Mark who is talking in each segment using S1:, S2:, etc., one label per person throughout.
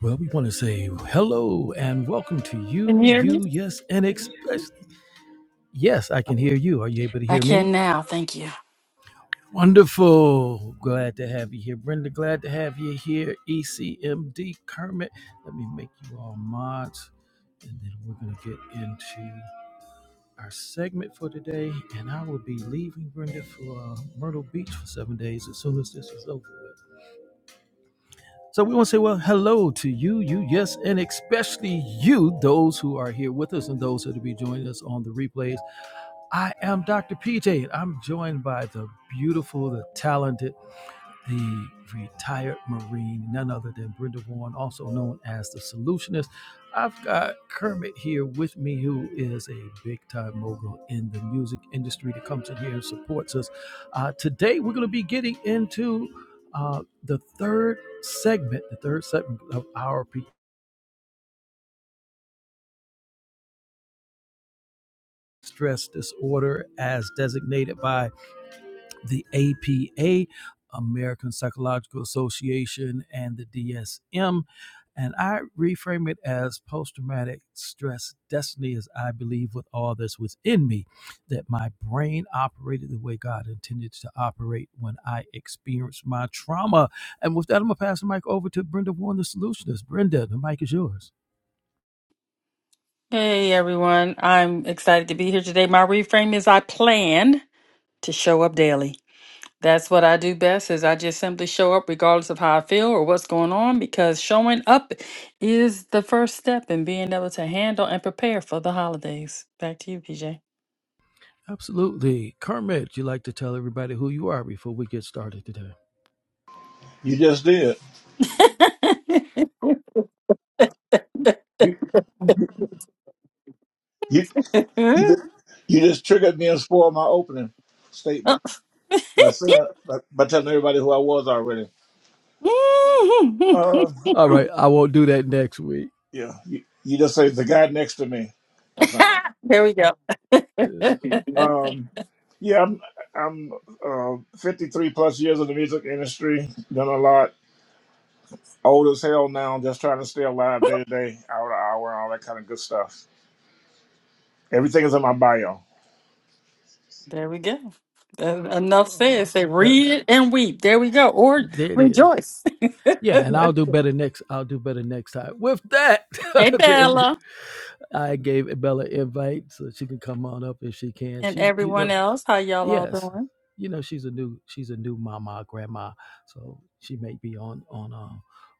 S1: Well, we want to say hello and welcome to
S2: Can
S1: you,
S2: you hear me?
S1: you, yes, and especially Yes, I can hear you. Are you able to
S2: I
S1: hear me?
S2: can now. Thank you.
S1: Wonderful. Glad to have you here. Brenda, glad to have you here. ECMD Kermit. Let me make you all mods. And then we're going to get into our segment for today. And I will be leaving Brenda for uh, Myrtle Beach for seven days as soon as this is over with. So we want to say, well, hello to you, you, yes, and especially you, those who are here with us and those that will be joining us on the replays. I am Dr. PJ, and I'm joined by the beautiful, the talented, the retired Marine, none other than Brenda Warren, also known as the Solutionist. I've got Kermit here with me, who is a big time mogul in the music industry that comes in here and supports us. Uh, today, we're going to be getting into uh, the third segment, the third segment of our pre stress disorder as designated by the APA, American Psychological Association, and the DSM. And I reframe it as post traumatic stress destiny, as I believe with all that's within me, that my brain operated the way God intended to operate when I experienced my trauma. And with that, I'm going to pass the mic over to Brenda Warren, the solutionist. Brenda, the mic is yours.
S2: Hey everyone, I'm excited to be here today. My reframe is I plan to show up daily. That's what I do best is I just simply show up regardless of how I feel or what's going on because showing up is the first step in being able to handle and prepare for the holidays. Back to you, PJ.
S1: Absolutely. Kermit, you like to tell everybody who you are before we get started today?
S3: You just did. You you you just, you just triggered me and spoiled my opening statement by saying by, by telling everybody who I was already. Um,
S1: All
S3: um,
S1: right, I won't do that next week.
S3: yeah, you, you just say the guy next to me. Or something.
S2: there we go.
S3: Um, yeah, I'm I'm uh, 53 plus years in the music industry. Done a lot. Old as hell now. Just trying to stay alive day to day, hour to hour, all that kind of good stuff. Everything is in my bio.
S2: There we go. That's enough
S1: Uh,
S2: said. Say
S1: that,
S2: read it and weep. There we go. Or
S1: there it is.
S2: rejoice.
S1: Yeah, and
S2: hey
S1: I'll do better next. I'll do better next time. With that, to every-
S2: Bella
S1: I gave Bella an invite so she can come on up if she can.
S2: and
S1: She's, you
S2: everyone
S1: know,
S2: else. How y'all all
S1: yes
S2: doing?
S1: you know she's a new she's a new mama grandma so she may be on on uh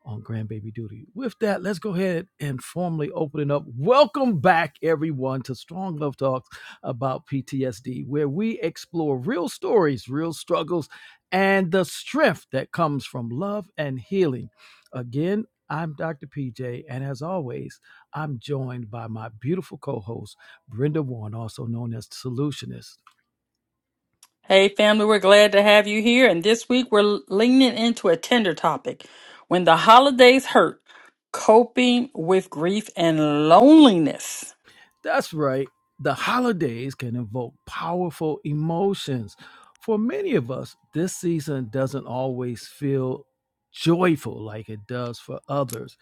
S1: on grandbaby duty with that let's go ahead and formally open it up welcome back everyone to strong love talks about ptsd where we explore real stories real struggles and the strength that comes from love and healing again i'm dr pj and as always i'm joined by my beautiful co-host brenda warren also known as solutionist
S2: Hey family, we're glad to have you here. And this week we're leaning into a tender topic. When the holidays hurt, coping with grief and loneliness.
S1: That's right. The holidays can evoke powerful emotions. For many of us, this season doesn't always feel joyful like it does for others.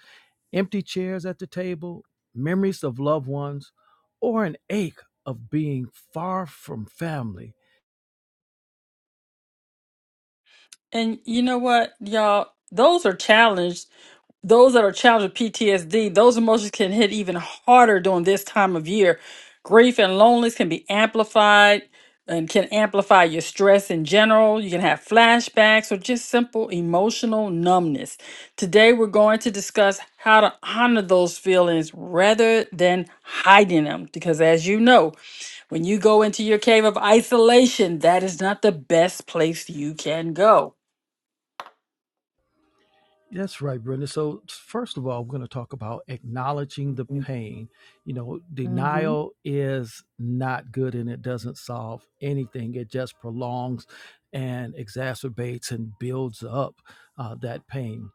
S1: Empty chairs at the table, memories of loved ones, or an ache of being far from family.
S2: And you know what, y'all? Those are challenges those that are challenged with PTSD, those emotions can hit even harder during this time of year. Grief and loneliness can be amplified and can amplify your stress in general. You can have flashbacks or just simple emotional numbness. Today, we're going to discuss how to honor those feelings rather than hiding them. Because as you know, when you go into your cave of isolation, that is not the best place you can go.
S1: That's right, Brenda. So, first of all, we're going to talk about acknowledging the pain. You know,
S2: hmm
S1: denial is not good and it doesn't solve anything, it just prolongs and exacerbates and builds up uh, that pain.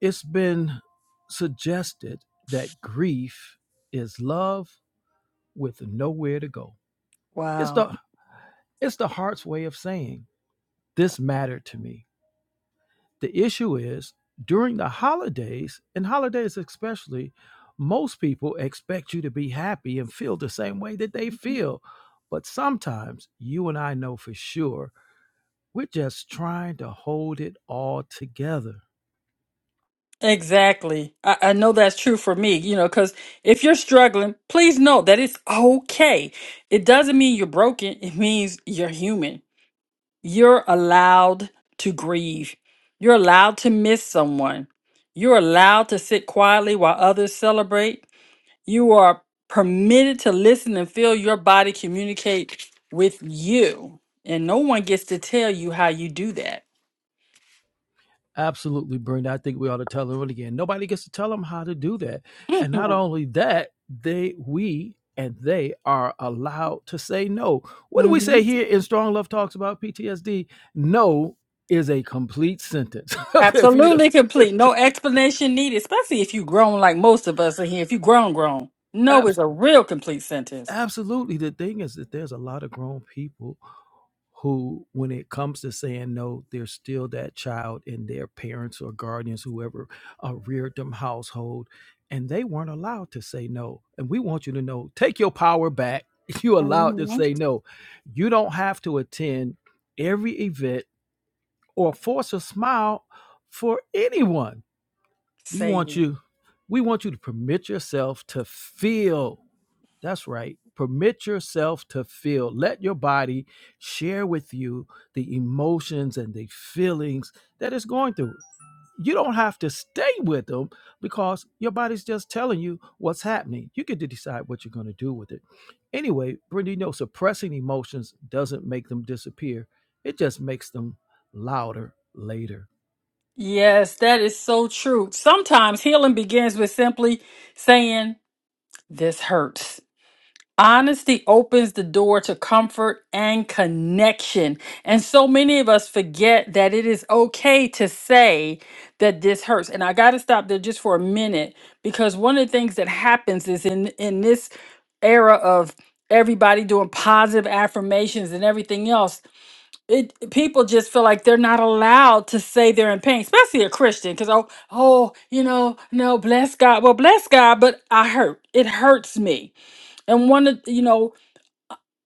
S1: It's been suggested that grief is love with nowhere to go. It's
S2: Wow.
S1: the, it's the heart's way of saying, This mattered to me The issue is during the holidays, and holidays especially, most people expect you to be happy and feel the same way that they feel. But sometimes you and I know for sure we're just trying to hold it all together.
S2: Exactly. I, I know that's true for me, you know, because if you're struggling, please know that it's okay. It doesn't mean you're broken, it means you're human. You're allowed to grieve, you're allowed to miss someone, you're allowed to sit quietly while others celebrate. You are permitted to listen and feel your body communicate with you, and no one gets to tell you how you do that.
S1: Absolutely, Brenda. I think we ought to tell them it again. Nobody gets to tell them how to do that. And not
S2: Mm-mm.
S1: only that, they, we, and they are allowed to say no. What do we say here in Strong Love Talks about PTSD? No is a complete sentence. okay, Fido.
S2: Absolutely complete. No explanation needed, especially if you grown like most of us are here. If you grown, grown. No
S1: Absolutely.
S2: is a real complete sentence.
S1: Absolutely. The thing is that there's a lot of grown people who, when it comes to saying no, there's still that child in their parents or guardians, whoever uh, reared them household, and they weren't allowed to say no. And we want you to know take your power back. You're allowed to
S2: hmm
S1: say no. You don't have to attend every event or force a smile for anyone. We
S2: Say
S1: want
S2: it.
S1: you. We want you to permit yourself to feel that's right. Permit yourself to feel. Let your body share with you the emotions and the feelings that it's going through. You don't have to stay with them because your body's just telling you what's happening. You get to decide what you're going to do with it. Anyway, Brenda, you know, suppressing emotions doesn't make them disappear, it just makes them louder later.
S2: Yes, that is so true. Sometimes healing begins with simply saying, This hurts. Honesty opens the door to comfort and connection. And so many of us forget that it is okay to say that this hurts. And I got to stop there just for a minute because one of the things that happens is in in this era of everybody doing positive affirmations and everything else, it people just feel like they're not allowed to say they're in pain, especially a Christian because oh, oh, you know, no, bless God. Well, bless God, but I hurt. It hurts me. And one of you know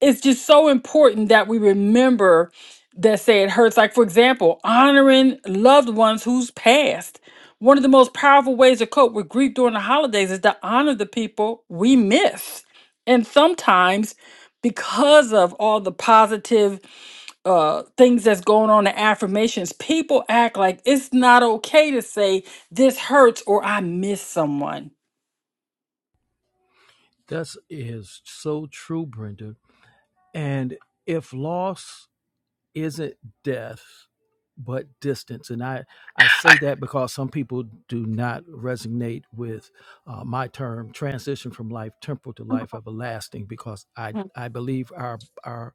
S2: it's just so important that we remember that say it hurts. Like for example, honoring loved ones who's passed. One of the most powerful ways to cope with grief during the holidays is to honor the people we miss. And sometimes because of all the positive uh, things that's going on the affirmations, people act like it's not okay to say this hurts or I miss someone.
S1: That is so true, Brenda. And if loss isn't death but distance and i i say that because some people do not resonate with uh, my term transition from life temporal to life everlasting because i i believe our our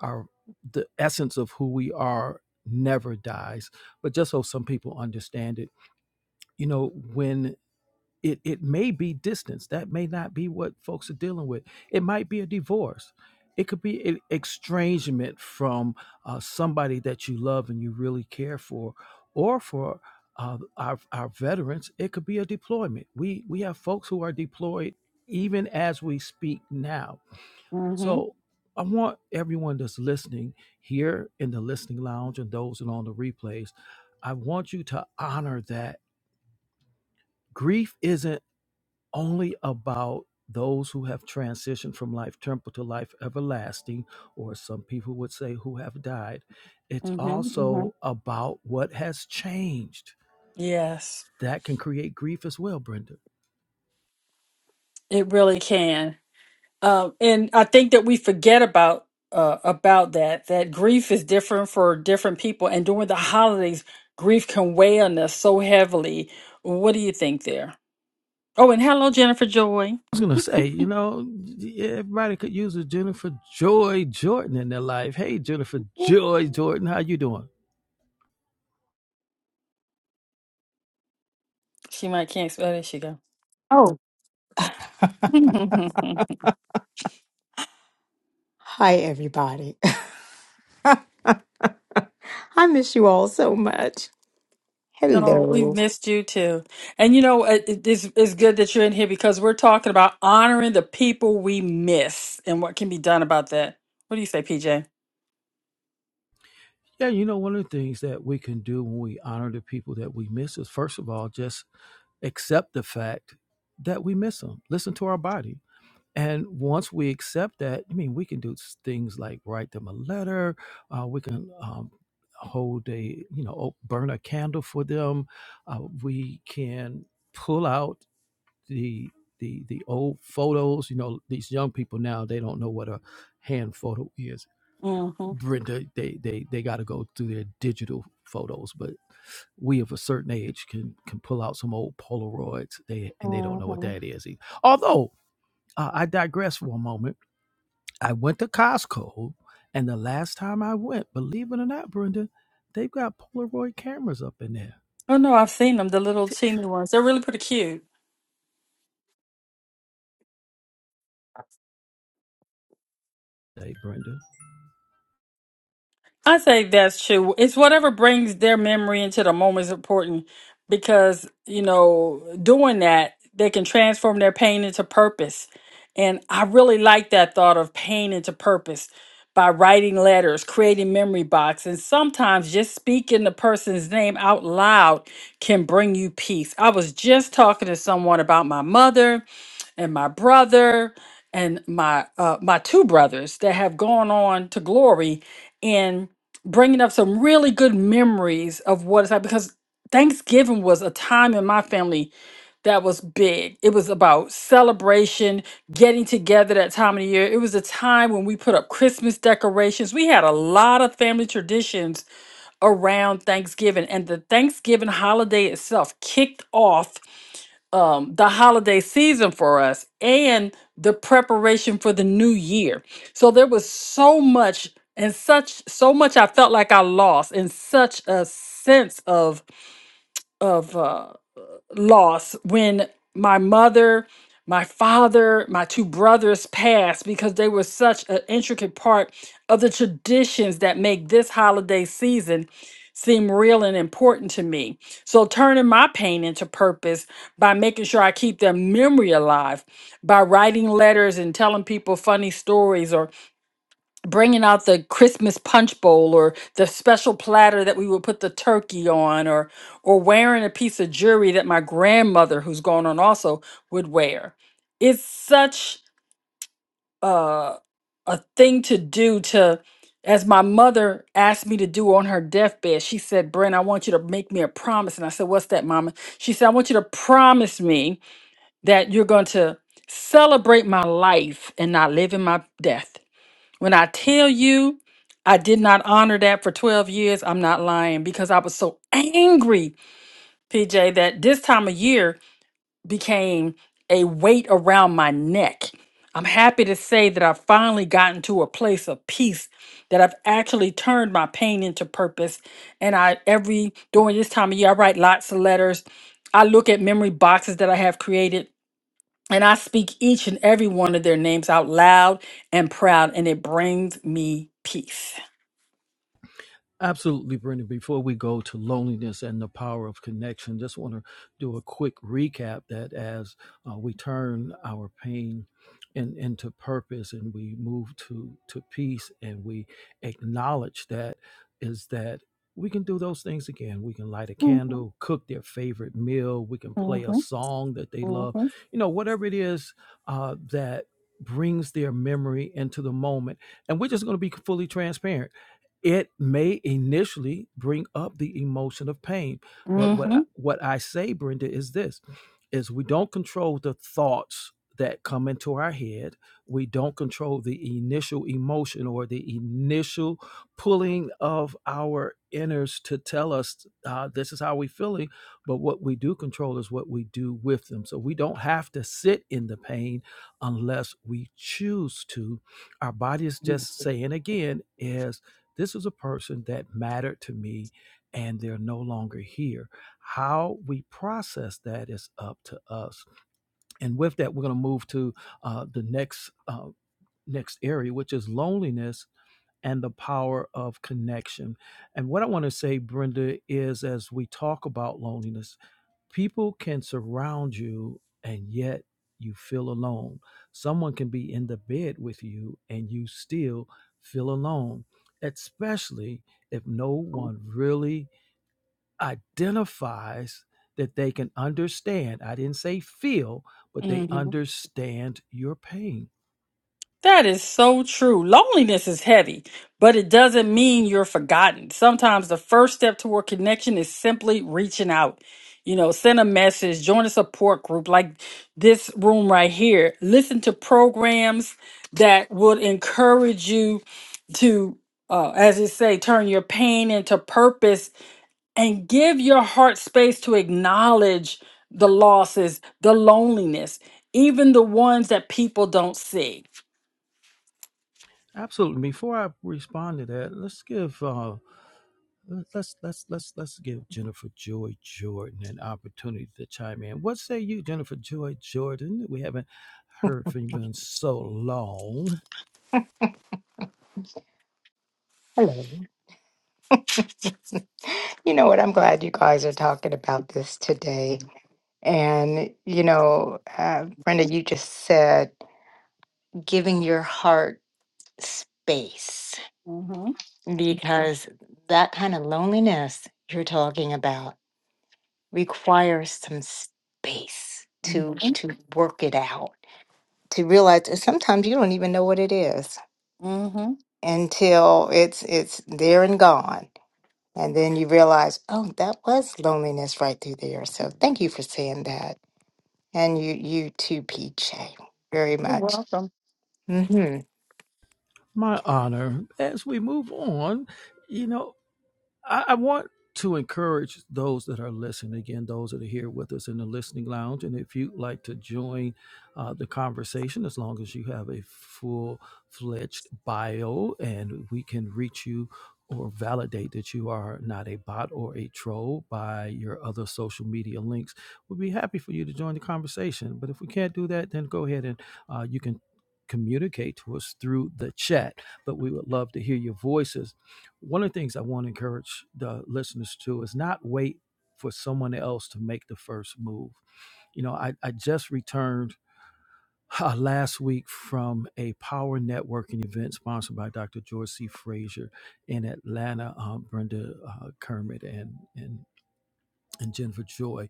S1: our the essence of who we are never dies but just so some people understand it you know when it it may be distance that may not be what folks are dealing with it might be a divorce it could be an estrangement from uh, somebody that you love and you really care for or for uh, our, our veterans it could be a deployment we we have folks who are deployed even as we speak now
S2: mm
S1: so i want everyone that's listening here in the listening lounge and those and on the replays i want you to honor that grief isn't only about those who have transitioned from life temporal to life everlasting, or some people would say who have died. It's
S2: hmm hmm hmm
S1: also about what has changed.
S2: Yes,
S1: That can create grief as well, Brenda.
S2: it really can. Um, and I think that we forget about uh, about that. That grief is different for different people, and during the holidays, grief can weigh on us so heavily. What do you think there? Oh, and hello, Jennifer Joy.
S1: I was gonna say, you know, everybody could use a Jennifer Joy Jordan in their life. Hey, Jennifer Joy Jordan, how you doing?
S2: She might can't. Oh, there she go.
S4: Oh, hi, everybody. I miss you all so much.
S2: No, we've
S4: Hello.
S2: missed you too. And you know, uh, it, it- it's, it's good that you're in here because we're talking about honoring the people we miss and what can be done about that. What do you say, PJ?
S1: Yeah, you know, one of the things that we can do when we honor the people that we miss is, first of all, just accept the fact that we miss them. Listen to our body. And once we accept that, I mean, we can do things like write them a letter. Uh, we can um, hold a, you know, o- burn a candle for them. Uh, we can pull out the the the old photos. You know, these young people now they don't know what a hand photo is. Brenda, they they they got to go through their digital photos, but we of a certain age can can pull out some old Polaroids. They and they don't know what
S2: Mm-hmm.
S1: that is either. Although uh, I digress for a moment. I went to Costco, and the last time I went, believe it or not, Brenda, they've got Polaroid cameras up in there.
S2: Oh no, I've seen them, the little
S1: T-
S2: teeny ones. They're really pretty cute.
S1: Hey, Brenda.
S2: I say that's true. It's whatever brings their memory into the moment is important because, you know, doing that, they can transform their pain into purpose. And I really like that thought of pain into purpose by writing letters, creating memory box, and sometimes just speaking the person's name out loud can bring you peace. I was just talking to someone about my mother and my brother and my uh, my two brothers that have gone on to glory bringing up some really good memories of what it's like because Thanksgiving was a time in my family that was big. It was about celebration, getting together that time of the year. It was a time when we put up Christmas decorations. We had a lot of family traditions around Thanksgiving, and the Thanksgiving holiday itself kicked off um, the holiday season for us and the preparation for the new year. So there was so much and such so much I felt like I lost and such a sense of of uh, loss when my mother, my father, my two brothers passed because they were such an intricate part of the traditions that make this holiday season seem real and important to me. So turning my pain into purpose by making sure I keep their memory alive, by writing letters and telling people funny stories bringing out the Christmas punch bowl or the special platter that we would put the turkey on or or wearing a piece of jewelry that my grandmother who's gone on also would wear. It's such uh, a thing to do to as my mother asked me to do on her deathbed, she said, Brent, I want you to make me a promise. And I said, What's that, Mama? She said, I want you to promise me that you're going to celebrate my life and not live in my death when I tell you I did not honor that for 12 years, I'm not lying because I was so angry, PJ, that this time of year became a weight around my neck. I'm happy to say that I've finally gotten to a place of peace, that I've actually turned my pain into purpose. And I, every, during this time of year, I write lots of letters. I look at memory boxes that I have created and I speak each and every one of their names out loud and proud, and it brings me peace.
S1: Absolutely, Brenda. Before we go to loneliness and the power of connection, just want to do a quick recap that as uh, we turn our pain in, into purpose and we move to, to peace and we acknowledge that, is that we can do those things again. We can light a
S2: hmm
S1: candle, cook their favorite meal, we can play a
S2: hmm
S1: song that they love, you know, whatever it is uh, that brings their memory into the moment. And we're just going to be fully transparent it may initially bring up the emotion of pain but what I, what i say brenda is this is we don't control the thoughts that come into our head we don't control the initial emotion or the initial pulling of our inners to tell us uh, this is how we feeling but what we do control is what we do with them so we don't have to sit in the pain unless we choose to our body is just saying again is this was a person that mattered to me, and they're no longer here. How we process that is up to us. And with that, we're going to move to uh, the next uh, next area, which is loneliness and the power of connection. And what I want to say, Brenda, is as we talk about loneliness people can surround you and yet you feel alone. Someone can be in the bed with you and you still feel alone, especially if no one really identifies that they can understand. I didn't say feel, but they
S2: hmm hmm
S1: understand your pain.
S2: That is so true. Loneliness is heavy, but it doesn't mean you're forgotten. Sometimes the first step toward connection is simply reaching out. You know, send a message, join a support group like this room right here. Listen to programs that would encourage you to, uh, as it say, turn your pain into purpose and give your heart space to acknowledge the losses, the loneliness, even the ones that people don't see.
S1: Absolutely. Before I respond to that, let's give uh, let's let's let's let's give Jennifer Joy Jordan an opportunity to chime in. What say you, Jennifer Joy Jordan? We haven't heard from you in so long.
S4: Hello. You know what? I'm glad you guys are talking about this today. And, you know, uh, Brenda, you just said giving your heart space because that kind of loneliness you're talking about requires some space to
S2: Mm-hmm.
S4: to work it out to realize that sometimes you don't even know what it is
S2: hmm
S4: until it's it's there and gone and then you realize oh that was loneliness right through there so thank you for saying that and you you too pj very
S2: You're
S4: much
S2: welcome.
S4: hmm
S1: My honor. As we move on, you know, I, I want to encourage those that are listening, again, those that are here with us in the listening lounge. And if you'd like to join uh, the conversation, as long as you have a full fledged bio and we can reach you or validate that you are not a bot or a troll by your other social media links, we'd be happy for you to join the conversation. But if we can't do that, then go ahead and uh, you can communicate to us through the chat. But we would love to hear your voices one of the things I want to encourage the listeners to is not wait for someone else to make the first move. You know, I, I just returned uh, last week from a power networking event sponsored by Dr. George C. Frazier in Atlanta, um, Brenda uh, Kermit and, and, and Jennifer Joy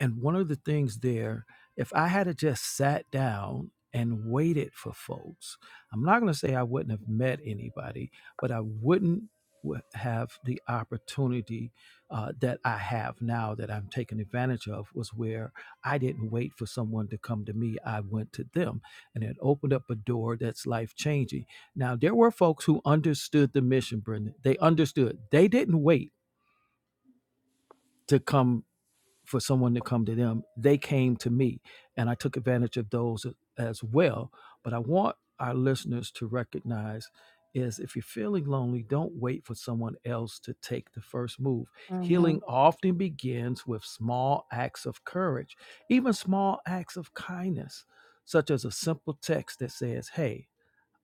S1: and one of the things there, if I had have just sat down and waited for folks, I'm not going to say I wouldn't have met anybody, but I wouldn't w- have the opportunity uh, that I have now that I'm taking advantage of was where I didn't wait for someone to come to me. I went to them and it opened up a door that's life changing. Now, there were folks who understood the mission, Brendan. They understood. They didn't wait to come for someone to come to them. They came to me, and I took advantage of those as well. But I want our listeners to recognize is if you're feeling lonely, don't wait for someone else to take the first move.
S2: hmm
S1: Healing often begins with small acts of courage, even small acts of kindness, such as a simple text that says, Hey,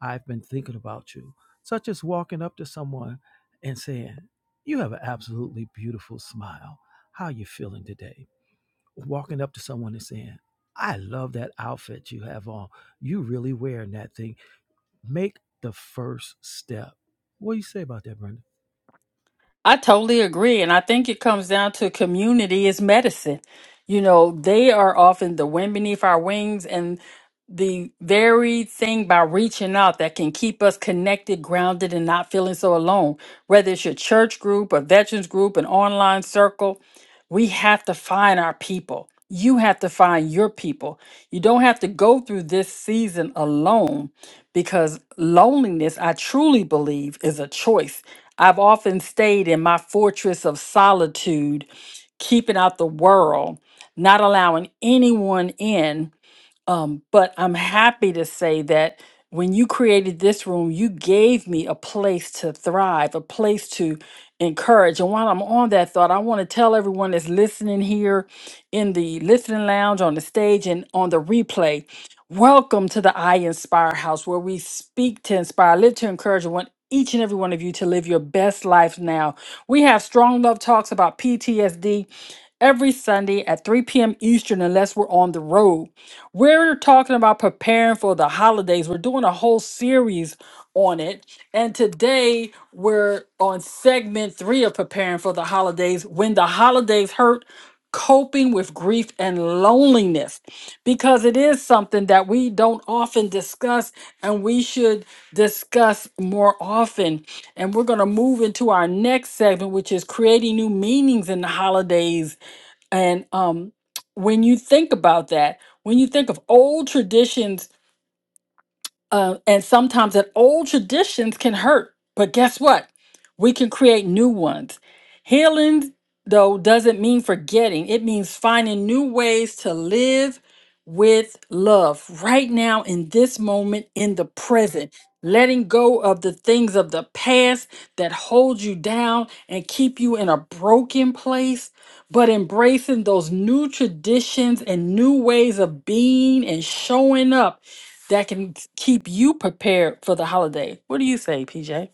S1: I've been thinking about you, such as walking up to someone and saying, You have an absolutely beautiful smile. How are you feeling today? walking up to someone and saying, I love that outfit you have on. You really wearing that thing. Make the first step. What do you say about that, Brenda?
S2: I totally agree. And I think it comes down to community is medicine. You know, they are often the wind beneath our wings and the very thing by reaching out that can keep us connected, grounded, and not feeling so alone. Whether it's your church group, a veterans group, an online circle, we have to find our people. You have to find your people. You don't have to go through this season alone because loneliness, I truly believe, is a choice. I've often stayed in my fortress of solitude, keeping out the world, not allowing anyone in um, but I'm happy to say that when you created this room, you gave me a place to thrive, a place to encourage. And while I'm on that thought, I want to tell everyone that's listening here in the listening lounge, on the stage, and on the replay welcome to the I Inspire House, where we speak to inspire, live to encourage, and want each and every one of you to live your best life now. We have strong love talks about PTSD every Sunday at 3 p.m. Eastern, unless we're on the road. We're talking about preparing for the holidays. We're doing a whole series on it. And today we're on segment three of preparing for the holidays when the holidays hurt, coping with grief and loneliness, because it is something that we don't often discuss and we should discuss more often. And we're going to move into our next segment, which is creating new meanings in the holidays and um, when you think about that, when you think of old traditions uh, and sometimes that old traditions can hurt. But guess what? We can create new ones. Healing, though, doesn't mean forgetting, it means finding new ways to live with love right now in this moment in the present. Letting go of the things of the past that hold you down and keep you in a broken place, but embracing those new traditions and new ways of being and showing up that can keep you prepared for the holiday. What do you say, PJ?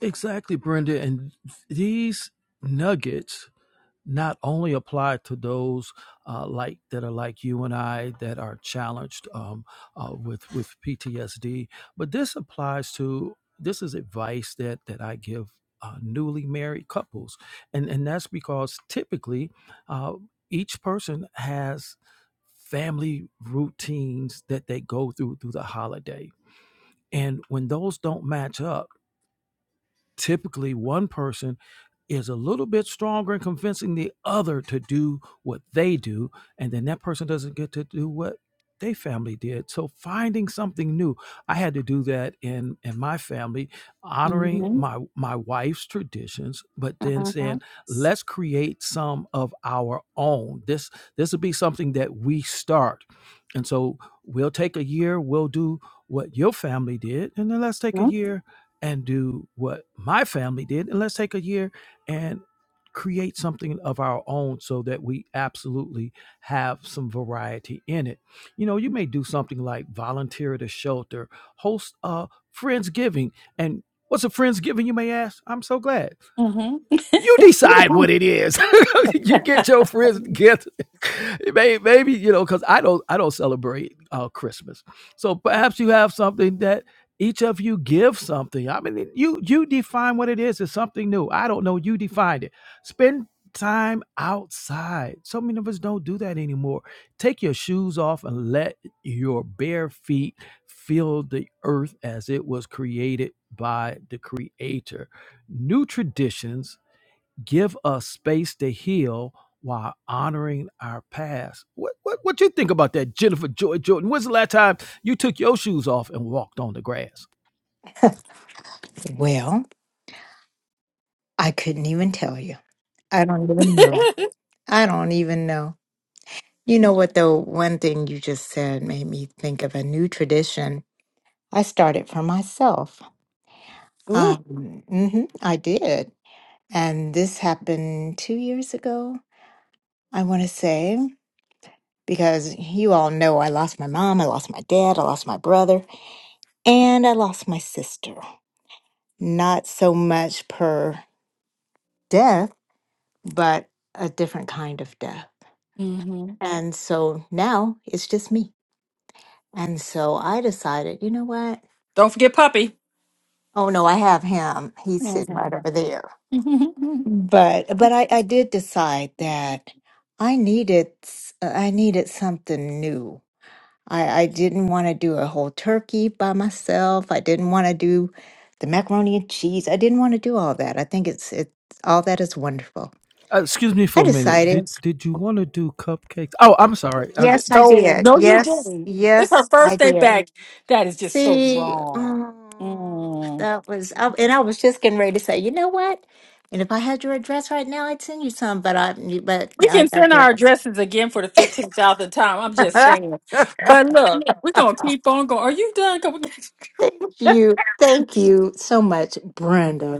S1: Exactly, Brenda. And these nuggets not only apply to those uh, like that are like you and I that are challenged um, uh, with with PTSD, but this applies to this is advice that that I give uh, newly married couples, and and that's because typically uh, each person has family routines that they go through through the holiday, and when those don't match up Typically, one person is a little bit stronger in convincing the other to do what they do, and then that person doesn't get to do what they family did. So finding something new. I had to do that in in my family, honoring
S2: Mm-hmm.
S1: my my wife's traditions, but then saying, let's create some of our own. This this will be something that we start. And so we'll take a year, we'll do what your family did, and then let's take a year and do what my family did and let's take a year and create something of our own so that we absolutely have some variety in it you know you may do something like volunteer at a shelter host a friendsgiving and what's a friendsgiving you may ask i'm so glad
S2: Mm-hmm.
S1: you decide what it is. you get your friends together. maybe, maybe you know, because I don't, I don't celebrate uh, Christmas. So perhaps you have something that each of you give something. I mean, you you define what it is. It's something new. I don't know. You defined it. Spend time outside. So many of us don't do that anymore. Take your shoes off and let your bare feet feel the earth as it was created by the Creator. New traditions give us space to heal while honoring our past. What what what you think about that, Jennifer Joy Jordan? When's the last time you took your shoes off and walked on the grass?
S4: well i couldn't even tell you i don't even know i don't even know you know what though one thing you just said made me think of a new tradition i started for myself
S2: Ooh.
S4: um, mhm, i did And this happened two years ago, I want to say, because you all know I lost my mom, I lost my dad, I lost my brother, and I lost my sister. Not so much per death, but a different kind of death.
S2: Mm-hmm.
S4: And so now it's just me. And so I decided, you know what?
S2: Don't forget puppy.
S4: Oh no, I have him. He's sitting right over there.
S2: Mm-hmm.
S4: But but I, I did decide that I needed s- I needed something new I, I didn't want to do a whole turkey by myself. I didn't want to do the macaroni and cheese. I didn't want to do all that. I think it's it all that is wonderful.
S1: Uh, excuse me
S4: I
S1: for a minute.
S4: decided.
S1: Did did you want to do cupcakes? Oh, I'm sorry. I'm-
S4: Yes, I
S2: So
S4: did.
S2: No, you
S4: Yes,
S2: didn't. It's her
S4: yes, I
S2: first day
S4: did.
S2: back. That is just so
S4: See,
S2: wrong.
S4: oh,
S2: mm.
S4: that was, I, and I was just getting ready to say, you know what? And if I had your address right now, I'd send you some. But I, but
S2: We
S4: I
S2: can send our
S4: digress.
S2: addresses again for the 15,000th time. I'm just saying. But look, we're going to keep on going. Are you done? 'Cause
S4: Thank
S2: we-
S4: you. Thank you so much, Brenda.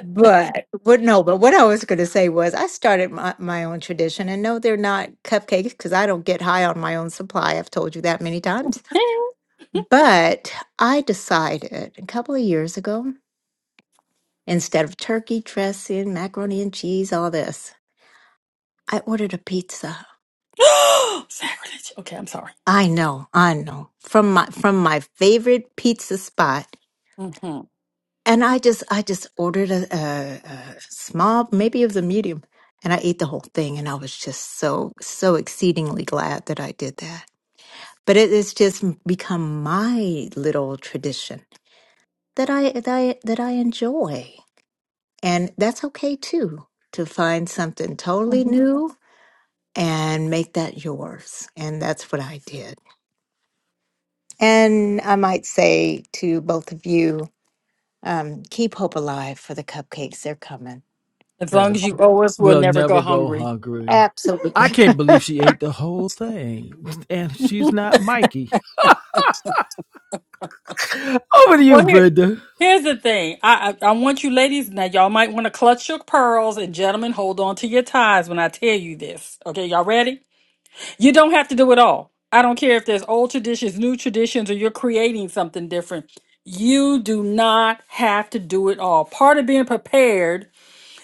S4: But what? no, but what I was going to say was I started my, my own tradition and no, they're not cupcakes because I don't get high on my own supply. I've told you that many times. But I decided a couple of years ago, instead of turkey dressing, macaroni and cheese, all this, I ordered a pizza.
S2: Sacrilege. Okay, I'm sorry.
S4: I know, I know. From my from my favorite pizza spot.
S2: Mm-hmm.
S4: And I just I just ordered a, a, a small, maybe of the medium, and I ate the whole thing, and I was just so so exceedingly glad that I did that. But it, it's just become my little tradition that I that I that I enjoy, and that's okay too. To find something totally new and make that yours, and that's what I did. And I might say to both of you, um, keep hope alive for the cupcakes. They're coming.
S2: As
S1: yeah.
S2: long as you owe us, we'll
S1: will
S2: never go
S1: never go
S2: hungry.
S1: hungry. I
S4: Absolutely.
S1: can't believe she ate the whole thing. And she's not Mikey. Over to you,
S2: Well, here,
S1: Brenda.
S2: here's the thing. I, I I want you ladies now. Y'all might want to clutch your pearls, and gentlemen, hold on to your ties when I tell you this. Okay, y'all ready? You don't have to do it all. I don't care if there's old traditions, new traditions, or you're creating something different. You do not have to do it all. Part of being prepared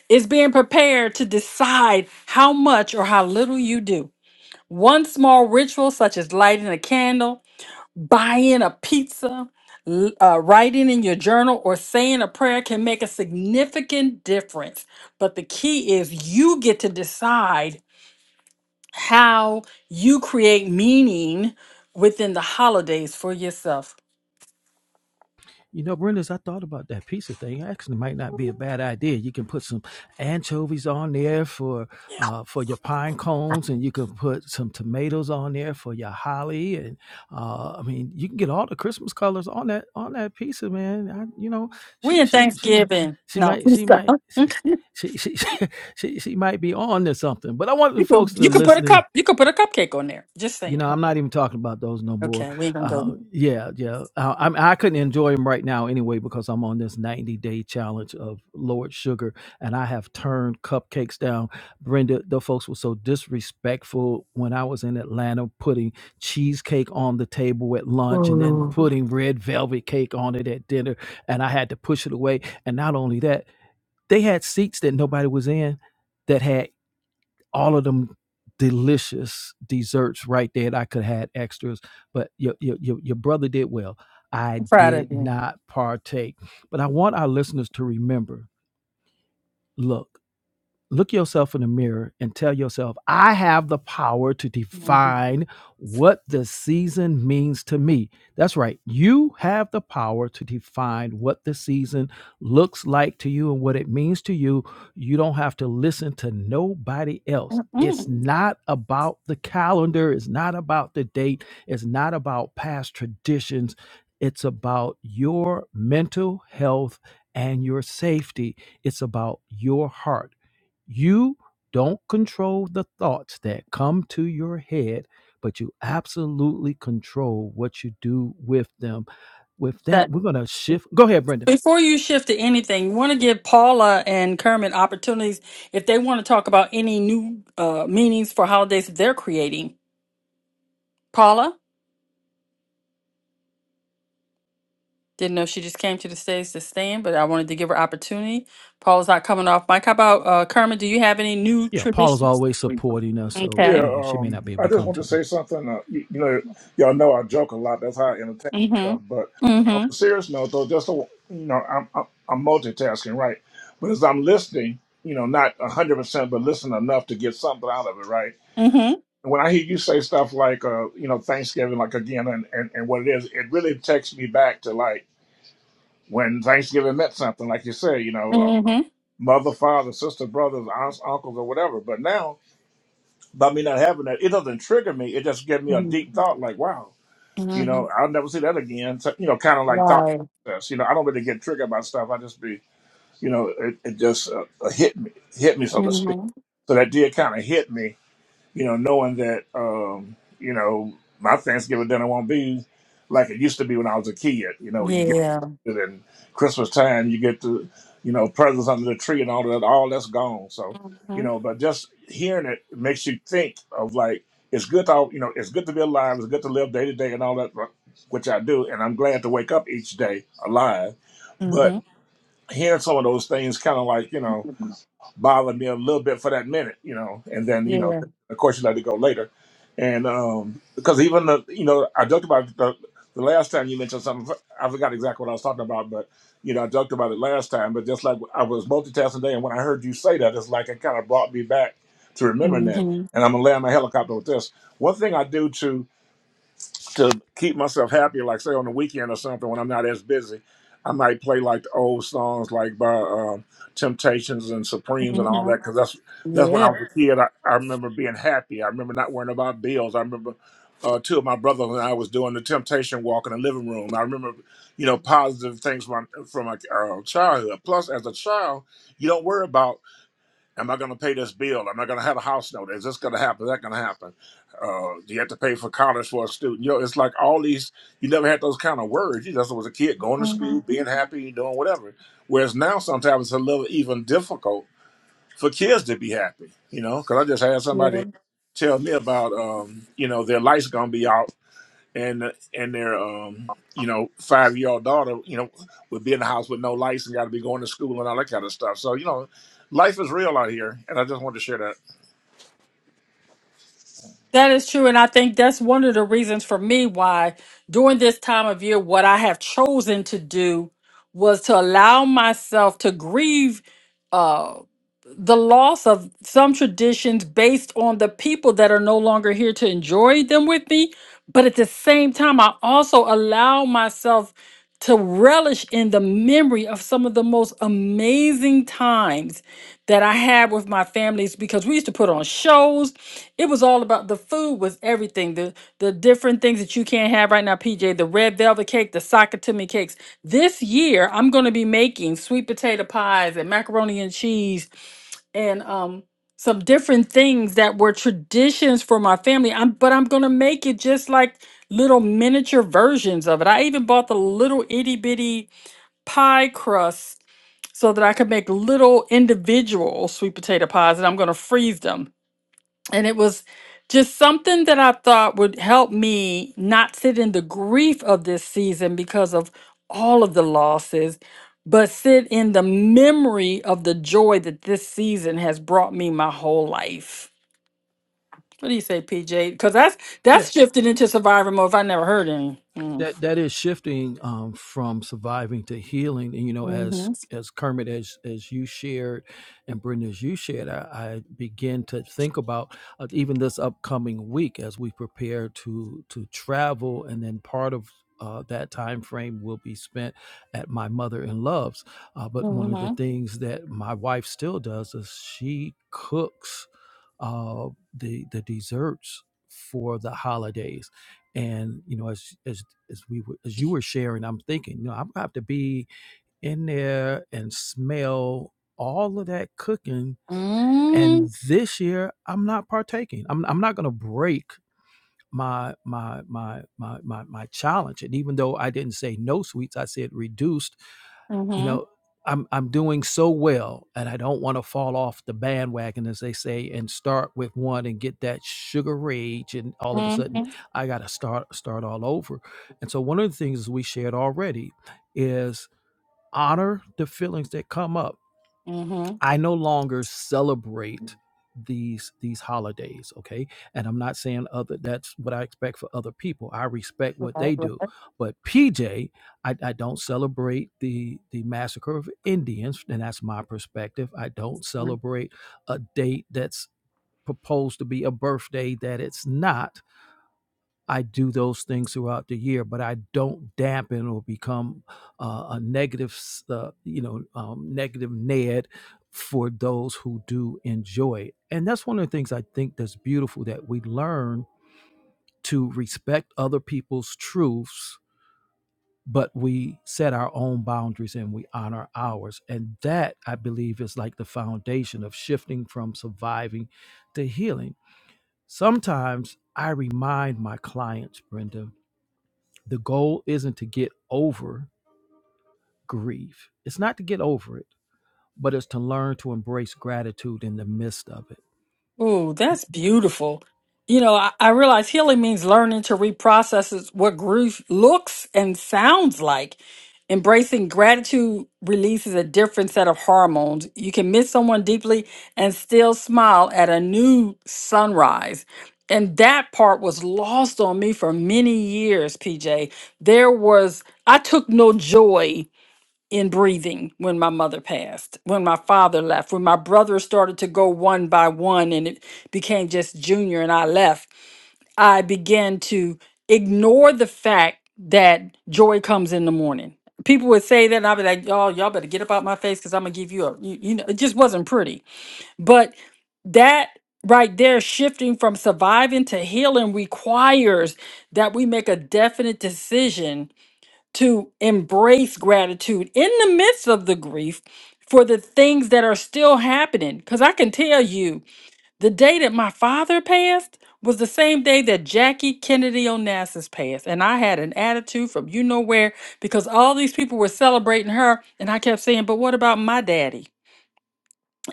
S2: is being prepared to decide how much or how little you do. One small ritual, such as lighting a candle buying a pizza, l- uh, writing in your journal, or saying a prayer can make a significant difference. But the key is you get to decide how you create meaning within the holidays for yourself.
S1: You know, Brenda's, I thought about that pizza thing. Actually, might not be a bad idea. You can put some anchovies on there for uh, for your pine cones, and you can put some tomatoes on there for your holly. And uh, I mean, you can get all the Christmas colors on that on that pizza, man. I, you know,
S2: We
S1: she
S2: in
S1: she she might
S2: Thanksgiving.
S1: she
S2: No,
S1: might she
S2: stop.
S1: might. She,
S2: you can
S1: she, she, she, she might be on to something, but I want the folks that are
S2: you can put a
S1: listening
S2: cup you can put a cupcake on there. Just
S1: you
S2: saying.
S1: know, I'm
S2: Okay,
S1: not even talking about those no more.
S2: okay we ain't gonna go. there.
S1: Uh, yeah, yeah. Uh, I'm, I couldn't enjoy them right now anyway because I'm on this 90 day challenge of Lord Sugar, and I have turned cupcakes down. Brenda, the folks were so disrespectful when I was in Atlanta, putting cheesecake on the table at lunch and then
S2: Whoa.
S1: putting red velvet cake on it at dinner, and I had to push it away. And not only that, they had seats that nobody was in that had all of them delicious desserts right there that I could have had extras. But your, your your your brother did well. I
S2: I'm proud
S1: did
S2: of you.
S1: not partake. But I want our listeners to remember. Look look yourself in the mirror and tell yourself, I have the power to
S2: Mhm.
S1: define what the season means to me. That's right. You have the power to define what the season looks like to you and what it means to you. You don't have to listen to nobody else. It's
S2: Mm,
S1: not about the calendar, it's not about the date, it's not about past traditions. It's about your mental health and your safety. It's about your heart you don't control the thoughts that come to your head, but you absolutely control what you do with them. With
S2: That
S1: that, we're going to shift. Go ahead, Brenda.
S2: Before you shift to anything, you want to give Paula and Kermit opportunities if they want to talk about any new uh, meanings for holidays that they're creating. Paula, didn't know she just came to the stage to stand, but I wanted to give her opportunity. Paula's not coming off mic. How about uh, Kermit? Do you have any new
S1: Yeah, Paula's
S2: traditions?
S1: always supporting us, so
S3: Yeah,
S2: Okay.
S1: you know she may
S3: um,
S1: not be able
S3: I
S1: to
S3: just
S1: come
S3: want
S1: to
S3: to
S1: them.
S3: say something. Uh, you, you know, y'all know I joke a lot. That's how I entertain myself. But
S2: Mm-hmm.
S3: on a
S2: Mm-hmm.
S3: serious note, though, just so you know, I'm, I'm I'm multitasking, right? But as I'm listening, you know, not a hundred percent, but listen enough to get something out of it, right?
S2: Mm-hmm.
S3: And when I hear you say stuff like, uh, you know, Thanksgiving, like again, and, and and what it is, it really takes me back to like when Thanksgiving meant something, like you say, you know, uh, mother, father, sister, brothers, aunts, uncles, or whatever. But now by me not having that, it doesn't trigger me. It just gives me a
S2: Mm-hmm.
S3: deep thought, like, wow, you
S2: Mm-hmm.
S3: know, I'll never see that again. So, you know, kind of like thought
S2: Right.
S3: process. You know, I don't really get triggered by stuff. I just be, you know, it, it just uh, uh, hit me, hit me, so to speak.
S2: Mm-hmm.
S3: So that did kind of hit me you know, knowing that, um, you know, my Thanksgiving dinner won't be like it used to be when I was a kid. You know, you get
S2: Yeah.
S3: excited and Christmas time, you get to, you know, presents under the tree and all that, all that's gone. So, you
S2: Mm-hmm.
S3: know, but just hearing it makes you think of like, it's good to, you know, it's good to be alive. It's good to live day to day and all that, uh, which I do. And I'm glad to wake up each day alive.
S2: Mm-hmm.
S3: But hearing some of those things kind of like, you know, bothered me a little bit for that minute, you know. And then, you know,
S2: Yeah.
S3: of course, you let it go later. And um, because even the, you know, I joked about it the, the last time you mentioned something. I forgot exactly what I was talking about, but you know, I joked about it last time. But just like I was multitasking today, and when I heard you say that, it's like it kind of brought me back to remembering that.
S2: Mm-hmm.
S3: And I'm gonna land my helicopter with this. One thing I do to to keep myself happy, like say on the weekend or something when I'm not as busy, I might play like the old songs like by um, Temptations and Supremes and all that
S2: Mm-hmm.
S3: because that's that's when I
S2: Yeah.
S3: was a kid. I, I remember being happy. I remember not worrying about bills. I remember uh, two of my brothers and I was doing the Temptation walk in the living room. I remember you know positive things from my, from my uh, childhood. Plus, as a child, you don't worry about am I going to pay this bill? Am I going to have a house note? Is this going to happen? Is that going to happen? Uh, do you have to pay for college for a student? You know, it's like all these. You never had those kind of words. You just was a kid going to school, being
S2: Mhm.
S3: happy, doing whatever. Whereas now, sometimes it's a little even difficult for kids to be happy. You know, because I just had
S2: Yeah.
S3: somebody tell me about um, you know their lights going to be out and and their um you know five year old daughter you know would be in the house with no lights and got to be going to school and all that kind of stuff. So you know, life is real out here, and I just wanted to share that.
S2: That is true. And I think that's one of the reasons for me why during this time of year, what I have chosen to do was to allow myself to grieve uh, the loss of some traditions based on the people that are no longer here to enjoy them with me. But at the same time, I also allow myself to relish in the memory of some of the most amazing times that I had with my families because we used to put on shows. It was all about the food was everything. The the different things that you can't have right now, PJ, the red velvet cake, the Sakatumi cakes. This year I'm gonna be making sweet potato pies and macaroni and cheese and um some different things that were traditions for my family. I'm but I'm gonna make it just like little miniature versions of it. I even bought the little itty bitty pie crust so that I could make little individual sweet potato pies and I'm gonna freeze them and it was just something that I thought would help me not sit in the grief of this season because of all of the losses, but sit in the memory of the joy that this season has brought me my whole life. What do you say, PJ? Because that's
S1: Yeah,
S2: that's shifted into survivor mode. If I never heard any. Mm.
S1: that that is shifting um, from surviving to healing. And you know, as
S2: Mhm.
S1: as Kermit, as as you shared, and Brenda, as you shared, I, I begin to think about uh, even this upcoming week as we prepare to to travel, and then part of. Uh, that time frame will be spent at my mother in laws uh, but one of the
S2: Mhm.
S1: things that my wife still does is she cooks uh, the the desserts for the holidays and you know, as as as we were, as you were sharing, I'm thinking, you know, I'm gonna have to be in there and smell all of that cooking. And
S2: Mm.
S1: this year, I'm not partaking. I'm I'm not gonna break my my my my my my challenge. And even though I didn't say no sweets, I said reduced you
S2: Mhm.
S1: know i'm i'm doing so well and i don't want to fall off the bandwagon as they say and start with one and get that sugar rage and all of a sudden
S2: Mhm.
S1: i got to start start all over and so one of the things we shared already is honor the feelings that come up
S2: Mhm.
S1: I no longer celebrate these these holidays okay and i'm not saying other that's what i expect for other people i respect what they do but pj i, I don't celebrate the the massacre of indians and that's my perspective i don't
S2: Mhm.
S1: celebrate a date that's proposed to be a birthday that it's not I do those things throughout the year, but I don't dampen or become uh, a negative, uh, you know, um, negative Ned for those who do enjoy it. And that's one of the things I think that's beautiful that we learn to respect other people's truths, but we set our own boundaries and we honor ours. And that, I believe, is like the foundation of shifting from surviving to healing. Sometimes I remind my clients, Brenda the goal isn't to get over grief, it's not to get over it, but it's to learn to embrace gratitude in the midst of it.
S2: Ooh, that's beautiful. You know, I, I realize healing means learning to reprocess what grief looks and sounds like. Embracing gratitude releases a different set of hormones. You can miss someone deeply and still smile at a new sunrise. And that part was lost on me for many years, PJ. There was, I took no joy in breathing when my mother passed, when my father left, when my brothers started to go one by one and it became just junior and I left, I began to ignore the fact that joy comes in the morning. People would say that and I'd be like, y'all, y'all better get up out my face because I'm gonna give you a you, you know, it just wasn't pretty. But that right there, shifting from surviving to healing requires that we make a definite decision to embrace gratitude in the midst of the grief for the things that are still happening. Because I can tell you, the day that my father passed was the same day that Jackie Kennedy Onassis passed. And I had an attitude from you know where because all these people were celebrating her. And I kept saying, but what about my daddy?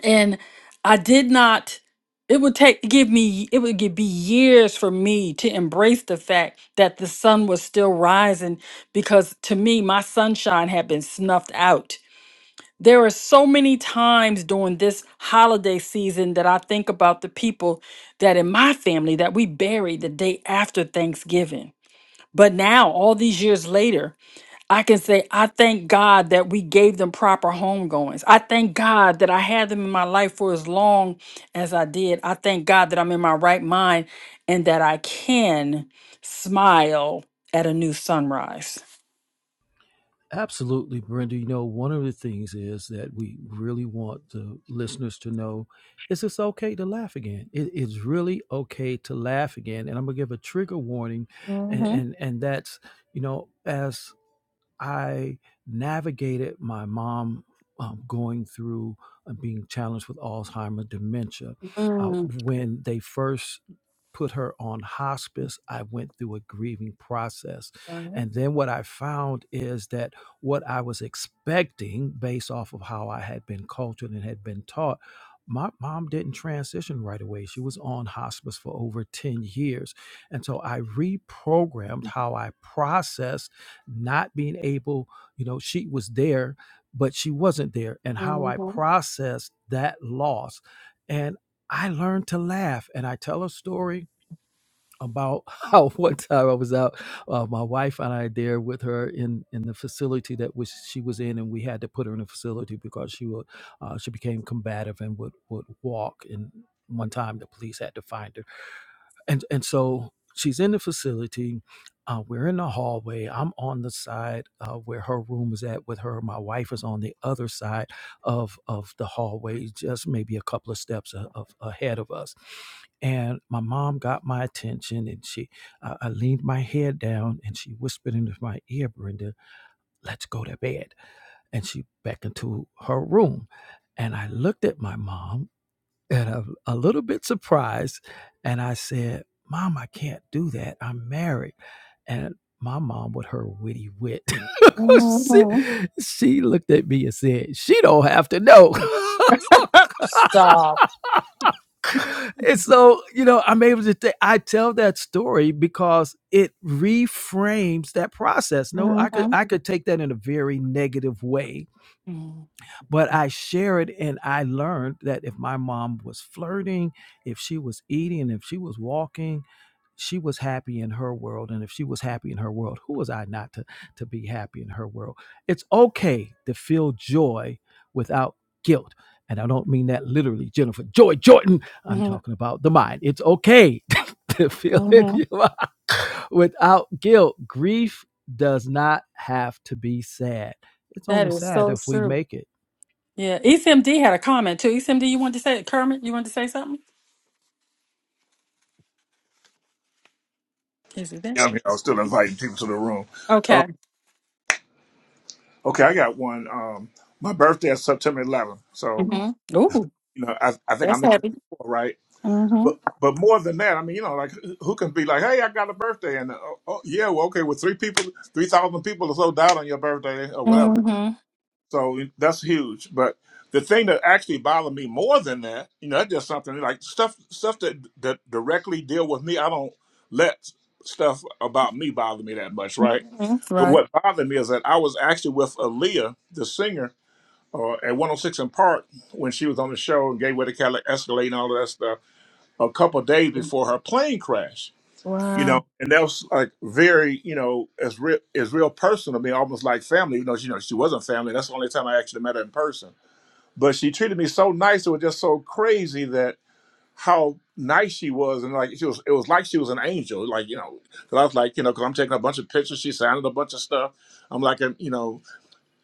S2: and I did not. It would take give me it would give, be years for me to embrace the fact that the sun was still rising because to me my sunshine had been snuffed out. There are so many times during this holiday season that I think about the people that in my family that we buried the day after Thanksgiving. But now all these years later I can say, I thank God that we gave them proper homegoings. I thank God that I had them in my life for as long as I did. I thank God that I'm in my right mind and that I can smile at a new sunrise.
S1: Absolutely, Brenda. You know, one of the things is that we really want the listeners to know is it's okay to laugh again. It, it's really okay to laugh again. And I'm gonna give a trigger warning, and
S2: Mm-hmm.
S1: and, and that's you know as I navigated my mom um, going through uh, being challenged with Alzheimer dementia. Uh, when they first put her on hospice, I went through a grieving process. And then what I found is that what I was expecting, based off of how I had been cultured and had been taught, my mom didn't transition right away. She was on hospice for over 10 years. And so I reprogrammed how I processed not being able, you know, she was there, but she wasn't there, and how I processed that loss. And I learned to laugh. And I tell a story about how one time I was out, uh, my wife and I there with her in in the facility that was she was in, and we had to put her in a facility because she would uh, she became combative and would would walk. And one time the police had to find her and and so she's in the facility uh, we're in the hallway i'm on the side uh, where her room is at with her my wife is on the other side of of the hallway just maybe a couple of steps a, of, ahead of us and my mom got my attention and she I i leaned my head down and she whispered into my ear brenda let's go to bed and she beckoned to her room and i looked at my mom and a, a little bit surprised. And I said, Mom, I can't do that. I'm married. And my mom, with her witty wit, she,
S2: Mm-hmm.
S1: she looked at me and said, She don't have to know.
S2: Up, stop.
S1: and so, you know, I'm able to, th- I tell that story because it reframes that process. No, I could,
S2: Mm-hmm.
S1: I could take that in a very negative way
S2: Mm,
S1: but I shared and I learned that if my mom was flirting, if she was eating, if she was walking, she was happy in her world. And if she was happy in her world, who was I not to, to be happy in her world? It's okay to feel joy without guilt. And I don't mean that literally, Jennifer. Joy Jordan, I'm talking about the mind. It's okay to feel
S2: Mm-hmm.
S1: it
S2: hmm
S1: without guilt. Grief does not have to be sad. It's
S2: That
S1: only
S2: is
S1: sad
S2: so
S1: if we
S2: true.
S1: make it
S2: Yeah, ECMD had a comment too. ECMD, you wanted to say, Kermit, you wanted to say something? Is it there?
S3: Yeah, I mean, I was still inviting people to the room. Uh,
S2: Okay.
S3: okay, I got one. Um, my birthday is September 11th, so
S2: Mm-hmm. Ooh.
S3: you know I I think I
S2: That's
S3: mentioned
S2: heavy.
S3: that before, right?
S2: Mm-hmm.
S3: But but more than that, I mean, you know, like who who can be like, hey, I got a birthday, and uh, oh yeah, well, okay, with three people, three thousand people or so died on your birthday or whatever.
S2: Mm-hmm.
S3: So that's huge. But the thing that actually bothered me more than that, you know, that's just something like stuff stuff that that directly deal with me. I don't let stuff about me bother me that much, right?
S2: Mm-hmm.
S3: But
S2: Right.
S3: what bothered me is that I was actually with Aaliyah, the singer, uh, at 106 in Park when she was on the show and gave way to Cadillac Escalade and all of that stuff a couple of days before her plane crash you know,
S2: Wow.
S3: and that was like very, you know, as real as real personal to me, almost like family. You know, she, you know, she wasn't family. That's the only time I actually met her in person. But she treated me so nice. It was just so crazy that how nice she was, and like she was, it was like she was an angel. Like you know, because I was like, you know, because I'm taking a bunch of pictures. She signed a bunch of stuff. I'm like, you know,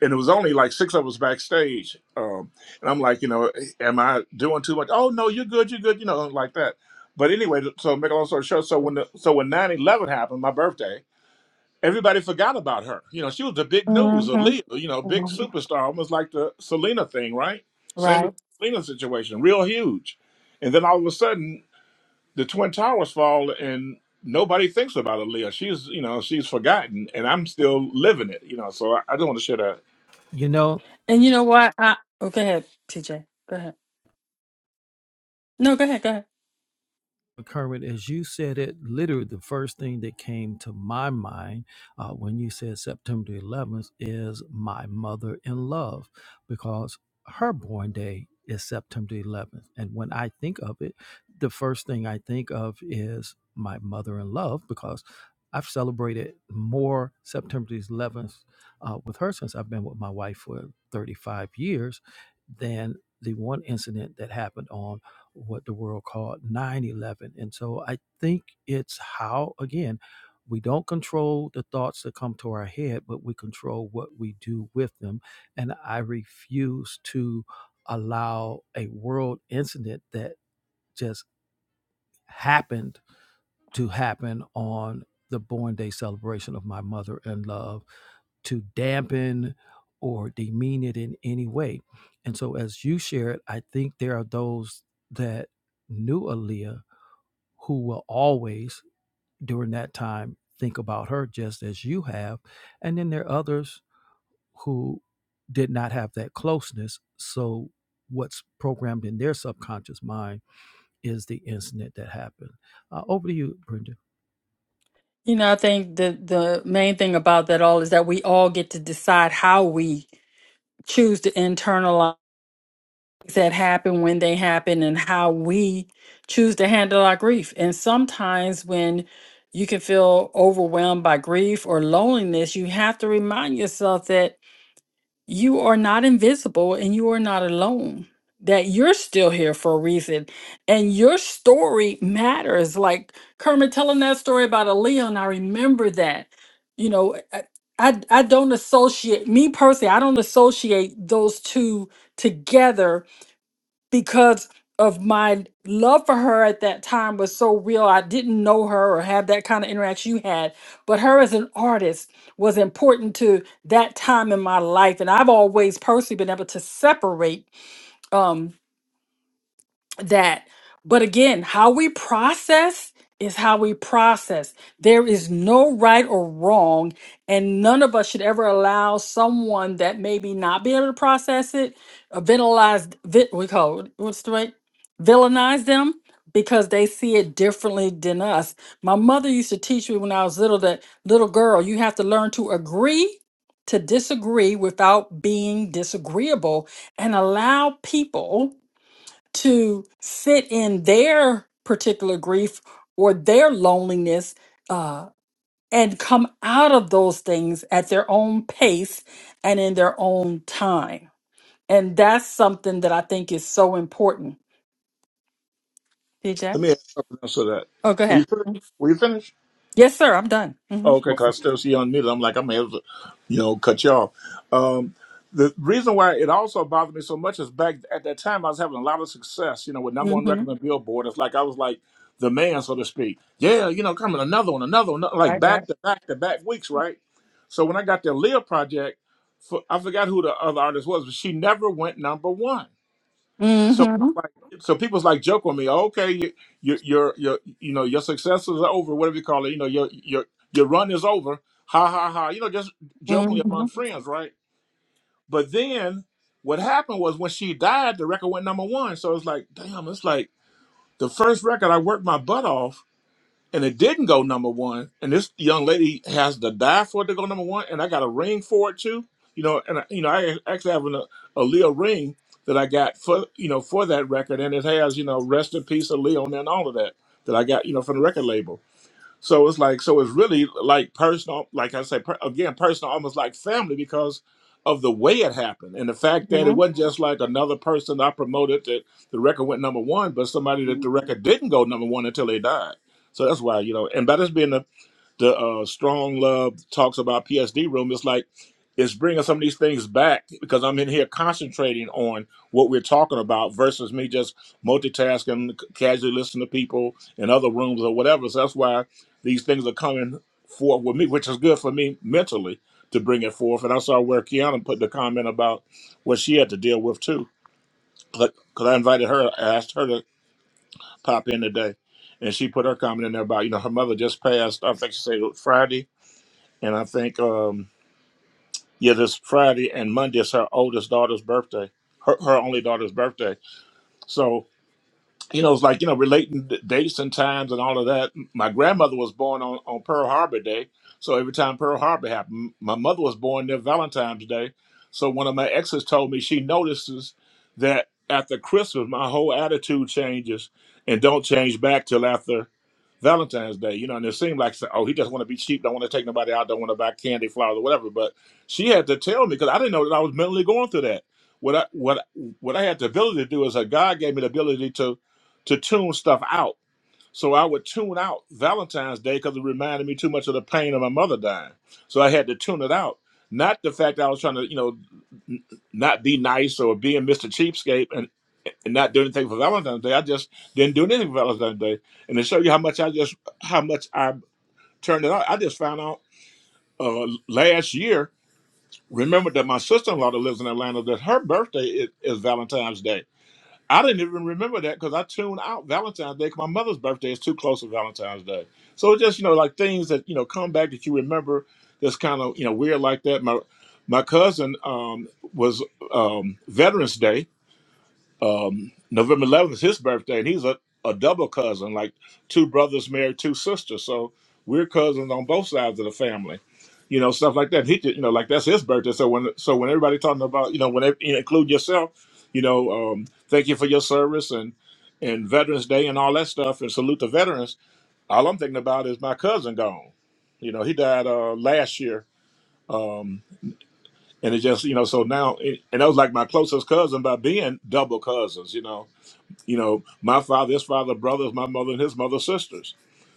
S3: and it was only like six of us backstage. Um, and I'm like, you know, am I doing too much? Oh no, you're good, you're good, you know, like that. But anyway, so make a long story short, so when the, so when 911 happened, my birthday, everybody forgot about her. You know, she was the big news, a
S2: Mm-hmm.
S3: Leo, you know, big
S2: hmm
S3: superstar, almost like the Selena thing, right? Same as
S2: Right.
S3: the Selena situation, real huge. And then all of a sudden, the Twin Towers fall, and nobody thinks about Aaliyah. She's, you know, she's forgotten, and I'm still living it, you know. So I, I just want to share that.
S1: you know
S2: And you know what? I oh, go ahead, TJ. Go ahead. No, go ahead. Go ahead.
S1: Kermit, as you said it, literally the first thing that came to my mind uh, when you said September 11th is my mother in love because her born day is September 11th. And when I think of it, the first thing I think of is my mother in love because I've celebrated more September 11th uh, with her since I've been with my wife for 35 years than the one incident that happened on what the world called 9-11 and so i think it's how again we don't control the thoughts that come to our head but we control what we do with them and i refuse to allow a world incident that just happened to happen on the born day celebration of my mother in love to dampen or demean it in any way and so as you shared i think there are those that knew Aaliyah who will always, during that time, think about her just as you have. And then there are others who did not have that closeness. So, what's programmed in their subconscious mind is the incident that happened. Uh, over to you, Brenda.
S2: You know, I think the the main thing about that all is that we all get to decide how we choose to internalize that happen when they happen and how we choose to handle our grief. And sometimes when you can feel overwhelmed by grief or loneliness, you have to remind yourself that you are not invisible and you are not alone that you're still here for a reason and your story matters like kermit telling that story about a leon i remember that you know i i, I don't associate me personally i don't associate those two together because of my love for her at that time was so real. I didn't know her or have that kind of interaction you had, but her as an artist was important to that time in my life. And I've always personally been able to separate. um, that but again how we process is how we process there is no right or wrong and none of us should ever allow someone that maybe not be able to process it uh, villainize vi- we call it what's the right villainize them because they see it differently than us my mother used to teach me when i was little that little girl you have to learn to agree to disagree without being disagreeable and allow people to sit in their particular grief or their loneliness uh, and come out of those things at their own pace and in their own time. And that's something that I think is so important. DJ?
S3: Let me add something else to that.
S2: Oh, go
S3: Were you
S2: ahead.
S3: finished? Were you finished?
S2: Yes, sir. I'm done.
S3: Oh, okay,
S2: Mm-hmm.
S3: because I still see you unmuted. I'm like, I'm able to, you know, cut you off. Um, the reason why it also bothered me so much is back at that time, I was having a lot of success, you know, with number one
S2: Mm-hmm.
S3: record on Billboard. It's like I was like the man, so to speak. Yeah, you know, coming another one, another one, like
S2: Right, right.
S3: back to back to back weeks, right? So when I got the Leah project, for, I forgot who the other artist was, but she never went number one. So
S2: Mm-hmm.
S3: like, so people's like joke on me. "Oh, Okay, you, you, your your you know your success is over. Whatever you call it, you know your your your run is over. Ha ha ha. You know, just jokingly among friends, right? But then what happened was when she died, the record went number one. So it's like, damn, it's like the first record I worked my butt off and it didn't go number one. And this young lady has to die for it to go number one, and I got a ring for it too. You know, and I, you know, I actually have an, a Leo ring that I got for you know for that record, and it has you know rest in peace of Leo and all of that that I got you know from the record label. So it's like so it's really like personal, like I say per, again, personal, almost like family because of the way it happened and the fact that it
S2: Mm-hmm.
S3: wasn't just like another person I promoted that the record went number one, but somebody that the record didn't go number one until they died. So that's why you know, and by this being a the uh, strong love talks about PSD room. It's like it's bringing some of these things back because I'm in here concentrating on what we're talking about versus me just multitasking, c- casually listening to people in other rooms or whatever. So that's why these things are coming forth with me, which is good for me mentally to bring it forth. And I saw where Kiana put the comment about what she had to deal with too, because I invited her, I asked her to pop in today. And she put her comment in there about, you know, her mother just passed, I think she said it was Friday and I think um yeah, this Friday and Monday is her oldest daughter's birthday, her her only daughter's birthday. So you know, it's like, you know, relating d- dates and times and all of that. My grandmother was born on, on Pearl Harbor Day. So every time Pearl Harbor happened, my mother was born near Valentine's Day. So one of my exes told me she notices that after Christmas, my whole attitude changes and don't change back till after Valentine's Day. You know, and it seemed like, so, oh, he just want to be cheap, don't want to take nobody out, don't want to buy candy, flowers, or whatever. But she had to tell me because I didn't know that I was mentally going through that. What I what what I had the ability to do is that God gave me the ability to to tune stuff out. So I would tune out Valentine's Day because it reminded me too much of the pain of my mother dying. So I had to tune it out. Not the fact that I was trying to, you know, n- not be nice or being Mr. Cheapskate and, and not do anything for Valentine's Day. I just didn't do anything for Valentine's Day. And to show you how much I just, how much I turned it out, I just found out uh, last year, remember that my sister-in-law that lives in Atlanta, that her birthday is, is Valentine's Day. I didn't even remember that because I tuned out Valentine's Day 'cause my mother's birthday is too close to Valentine's Day. So it's just you know like things that you know come back that you remember that's kind of you know weird like that. My my cousin um, was um, Veterans Day, um, November 11th is his birthday, and he's a, a double cousin, like two brothers married two sisters. So we're cousins on both sides of the family, you know, stuff like that. He, did- you know, like that's his birthday. So when, so when everybody talking about, you know, when they you know, include yourself, you know, um, thank you for your service and and Veterans Day and all that stuff, and salute the veterans. All I'm thinking about is my cousin gone. You know, he died uh, last year. Um, and it just, you know, so now, and that was like my closest cousin by being double cousins, you know you know, my father, his father, brothers, my mother, and his mother, sisters.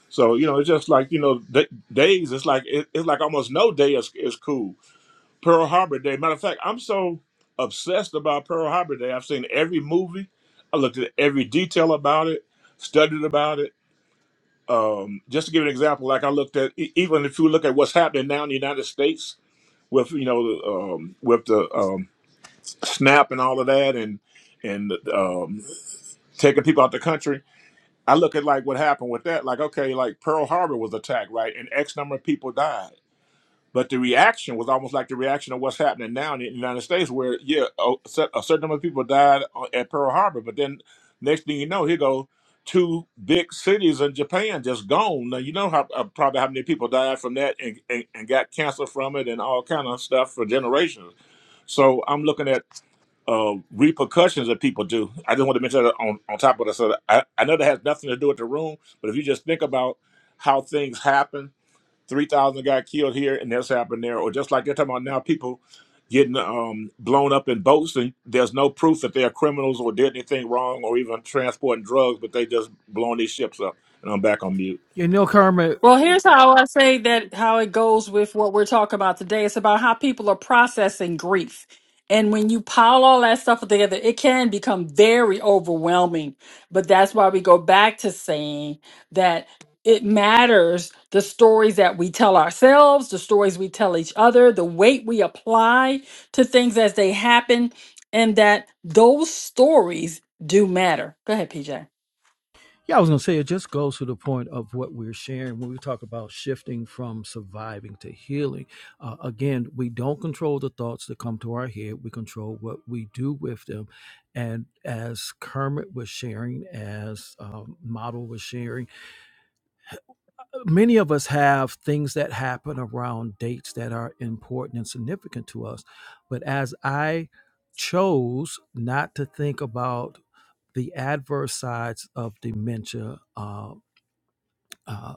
S3: So you know, it's just like you know, d- days. It's like it, it's like almost no day is is cool. Pearl Harbor Day. Matter of fact, I'm so obsessed about Pearl Harbor Day. I've seen every movie. I looked at every detail about it, studied about it. Um, just to give an example, like I looked at e- even if you look at what's happening now in the United States with you know the, um, with the um, SNAP and all of that, and and um, taking people out the country I look at like what happened with that. Like, okay, like Pearl Harbor was attacked, right? And X number of people died. But the reaction was almost like the reaction of what's happening now in the United States, where yeah, a certain number of people died uh, at Pearl Harbor, but then next thing you know, here go two big cities in Japan just gone. Now you know how uh, probably how many people died from that and, and, and got cancer from it and all kind of stuff for generations. So I'm looking at uh, repercussions that people do. I just want to mention that on, on top of that. So I, I know that has nothing to do with the room, but if you just think about how things happen, 3,000 got killed here and this happened there, or just like they're talking about now, people getting um, blown up in boats and there's no proof that they're criminals or did anything wrong or even transporting drugs, but they just blowing these ships up. And I'm back on mute.
S1: You know, Kermit.
S2: Well, here's how I say that how it goes with what we're talking about today. It's about how people are processing grief. And when you pile all that stuff together, it can become very overwhelming. But that's why we go back to saying that it matters the stories that we tell ourselves, the stories we tell each other, the weight we apply to things as they happen, and that those stories do matter. Go ahead, PJ.
S1: Yeah, I was going to say it just goes to the point of what we're sharing when we talk about shifting from surviving to healing. Uh, again, we don't control the thoughts that come to our head, we control what we do with them. And as Kermit was sharing, as um, Model was sharing, many of us have things that happen around dates that are important and significant to us. But as I chose not to think about the adverse sides of dementia uh, uh,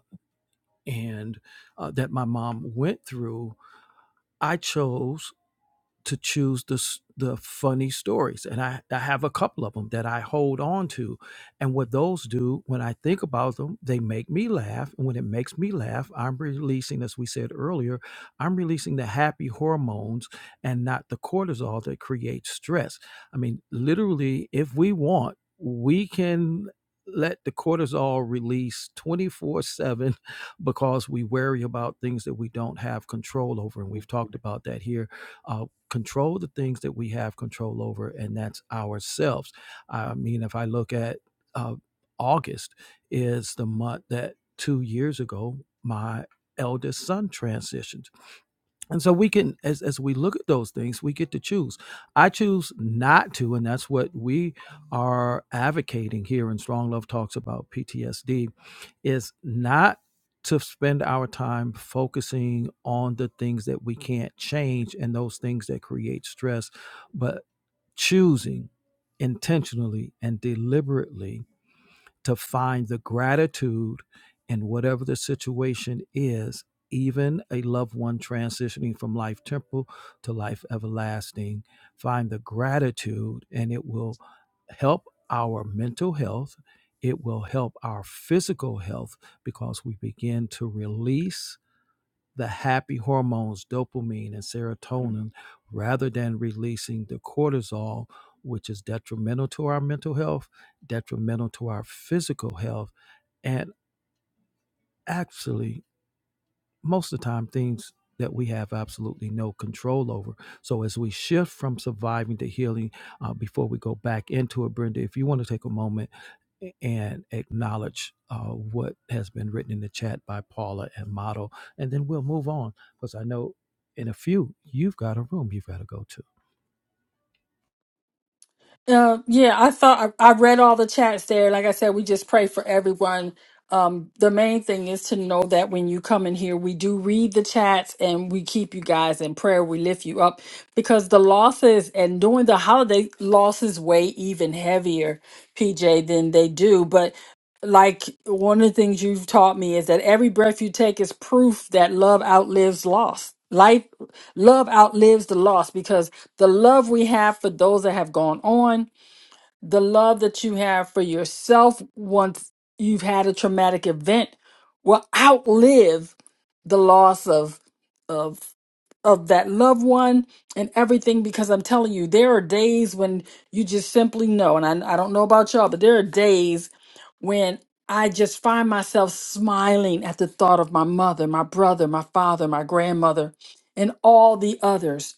S1: and uh, that my mom went through, I chose to choose the the funny stories and I, I have a couple of them that I hold on to and what those do when I think about them they make me laugh and when it makes me laugh I'm releasing as we said earlier I'm releasing the happy hormones and not the cortisol that creates stress I mean literally if we want we can let the cortisol release 24/7 because we worry about things that we don't have control over and we've talked about that here uh, control the things that we have control over, and that's ourselves. I mean, if I look at uh, August, is the month that two years ago my eldest son transitioned and so we can, as, as we look at those things, we get to choose. I choose not to, and that's what we are advocating here in Strong Love Talks about PTSD, is not to spend our time focusing on the things that we can't change and those things that create stress, but choosing intentionally and deliberately to find the gratitude in whatever the situation is, even a loved one transitioning from life temporal to life everlasting. Find the gratitude, and it will help our mental health. It will help our physical health because we begin to release the happy hormones dopamine and serotonin rather than releasing the cortisol, which is detrimental to our mental health, detrimental to our physical health, and actually most of the time things that we have absolutely no control over. So as we shift from surviving to healing, uh, before we go back into it, Brenda, if you want to take a moment and acknowledge uh, what has been written in the chat by Paula and Model, and then we'll move on because I know in a few you've got a room you've got to go to.
S2: Uh, yeah, I thought I, I read all the chats there. Like I said, we just pray for everyone. Um, the main thing is to know that when you come in here, we do read the chats and we keep you guys in prayer. We lift you up because the losses and during the holiday losses weigh even heavier, PJ, than they do. But like one of the things you've taught me is that every breath you take is proof that love outlives loss. Life Love outlives the loss because the love we have for those that have gone on, the love that you have for yourself once you've had a traumatic event will outlive the loss of of of that loved one and everything because I'm telling you there are days when you just simply know and I, I don't know about y'all but there are days when I just find myself smiling at the thought of my mother, my brother, my father, my grandmother, and all the others.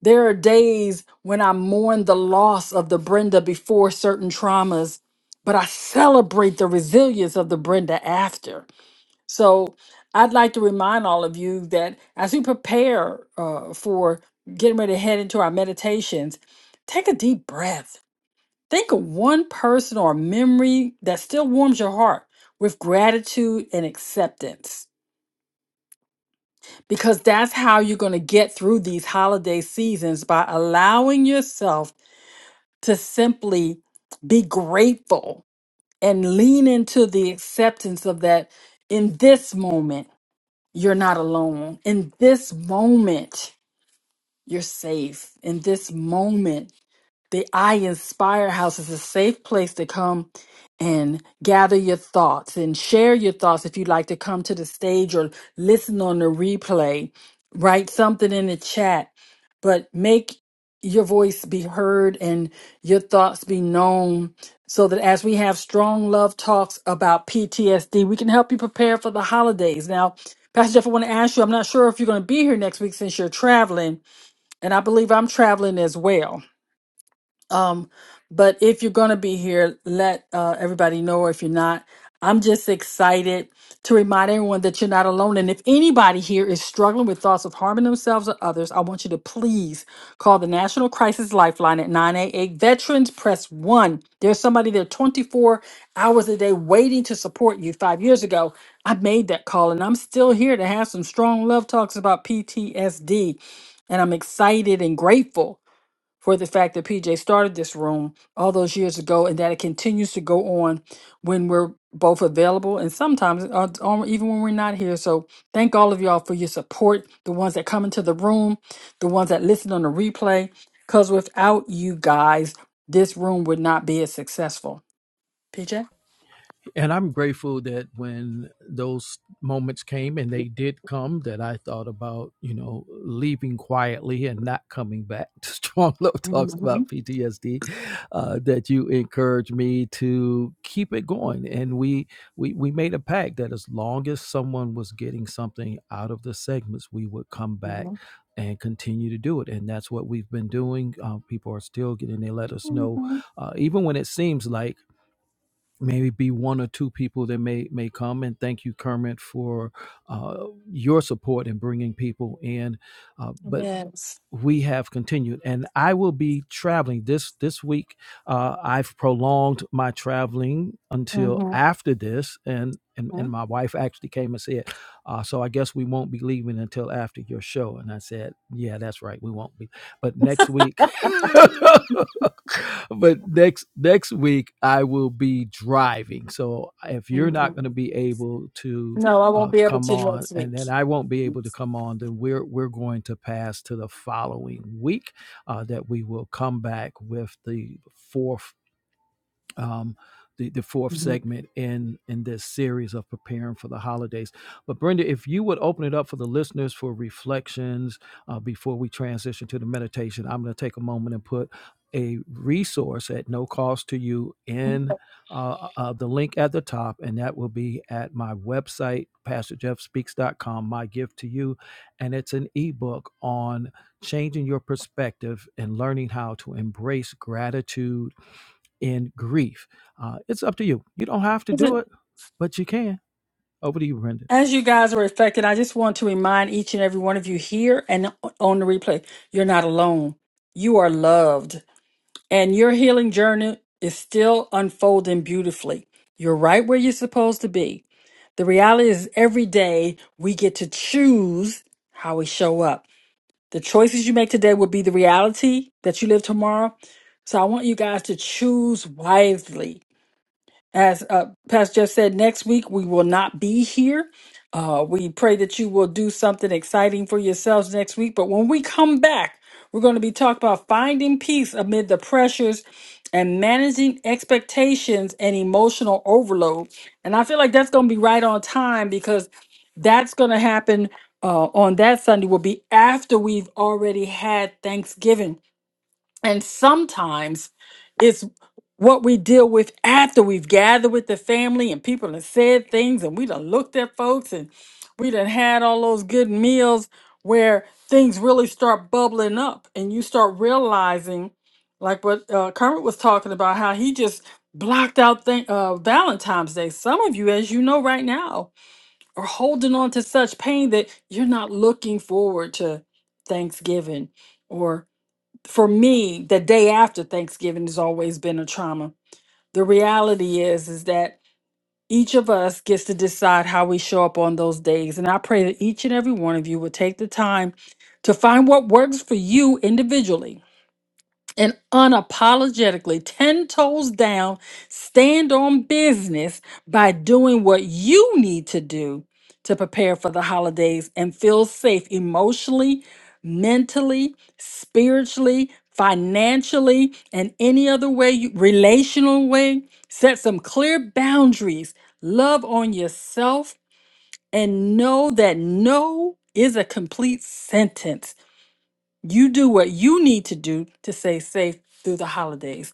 S2: There are days when I mourn the loss of the Brenda before certain traumas, but I celebrate the resilience of the Brenda after. So I'd like to remind all of you that as we prepare uh, for getting ready to head into our meditations, take a deep breath Think of one person or memory that still warms your heart with gratitude and acceptance. Because that's how you're going to get through these holiday seasons by allowing yourself to simply be grateful and lean into the acceptance of that in this moment, you're not alone. In this moment, you're safe. In this moment, The I Inspire House is a safe place to come and gather your thoughts and share your thoughts if you'd like to come to the stage or listen on the replay. Write something in the chat, but make your voice be heard and your thoughts be known so that as we have strong love talks about PTSD, we can help you prepare for the holidays. Now, Pastor Jeff, I want to ask you, I'm not sure if you're going to be here next week since you're traveling, and I believe I'm traveling as well. Um, but if you're going to be here, let uh, everybody know, or if you're not, I'm just excited to remind everyone that you're not alone. And if anybody here is struggling with thoughts of harming themselves or others, I want you to please call the National Crisis Lifeline at 988 Veterans Press 1. There's somebody there 24 hours a day waiting to support you. Five years ago, I made that call, and I'm still here to have some strong love talks about PTSD. And I'm excited and grateful for the fact that PJ started this room all those years ago and that it continues to go on when we're both available and sometimes uh, or even when we're not here. So thank all of y'all for your support, the ones that come into the room, the ones that listen on the replay, because without you guys, this room would not be as successful. PJ?
S1: and I'm grateful that when those moments came and they did come, that I thought about, you know, leaving quietly and not coming back. Strong Love talks about
S2: Mm-hmm.
S1: PTSD. Uh, that you encouraged me to keep it going, and we we we made a pact that as long as someone was getting something out of the segments, we would come back and continue to do it. And that's what we've been doing. Uh, people are still getting. They let us know,
S2: hmm
S1: uh, even when it seems like maybe be one or two people that may may come and thank you kermit for uh, your support in bringing people in uh, but
S2: Yes.
S1: we have continued and i will be traveling this this week uh, i've prolonged my traveling until
S2: Mm-hmm.
S1: after this and and, and my wife actually came and said uh, so i guess we won't be leaving until after your show and i said yeah that's right we won't be but next week but next next week i will be driving so if you're
S2: hmm
S1: not going to be able to
S2: No, I
S1: uh,
S2: won't be able
S1: come
S2: to
S1: on
S2: next
S1: and
S2: week.
S1: that I won't be able to come on, then we're we're going to pass to the following week uh, that we will come back with the fourth um, the, the fourth
S2: Mhm.
S1: segment in in this series of preparing for the holidays. But Brenda, if you would open it up for the listeners for reflections uh, before we transition to the meditation, I'm going to take a moment and put a resource at no cost to you in uh, uh, the link at the top, and that will be at my website, PastorJeffSpeaks.com. My gift to you, and it's an ebook on changing your perspective and learning how to embrace gratitude in grief. Uh, it's up to you. You don't have to do it, but you can. Over to you, Brendan.
S2: As you guys are reflecting, I just want to remind each and every one of you here and on the replay, you're not alone. You are loved, and your healing journey is still unfolding beautifully. You're right where you're supposed to be. The reality is, every day we get to choose how we show up. The choices you make today will be the reality that you live tomorrow. So I want you guys to choose wisely. As uh, Pastor Jeff said, next week we will not be here uh, we pray that you will do something exciting for yourselves next week. But when we come back, we're going to be talking about finding peace amid the pressures and managing expectations and emotional overload. And I feel like that's going to be right on time because that's going to happen uh, on that Sunday, will be after we've already had Thanksgiving. And sometimes it's what we deal with after we've gathered with the family and people have said things and we done looked at folks and we done had all those good meals where things really start bubbling up and you start realizing, like what uh, Kermit was talking about, how he just blocked out th- uh, Valentine's Day. Some of you, as you know right now, are holding on to such pain that you're not looking forward to Thanksgiving for me, the day after Thanksgiving has always been a trauma. The reality is is that each of us gets to decide how we show up on those days. And I pray that each and every one of you will take the time to find what works for you individually and unapologetically 10 toes down stand on business by doing what you need to do to prepare for the holidays and feel safe emotionally, mentally, spiritually, financially, and any other way, you, relational way. Set some clear boundaries, love on yourself, and know that no is a complete sentence. You do what you need to do to stay safe through the holidays.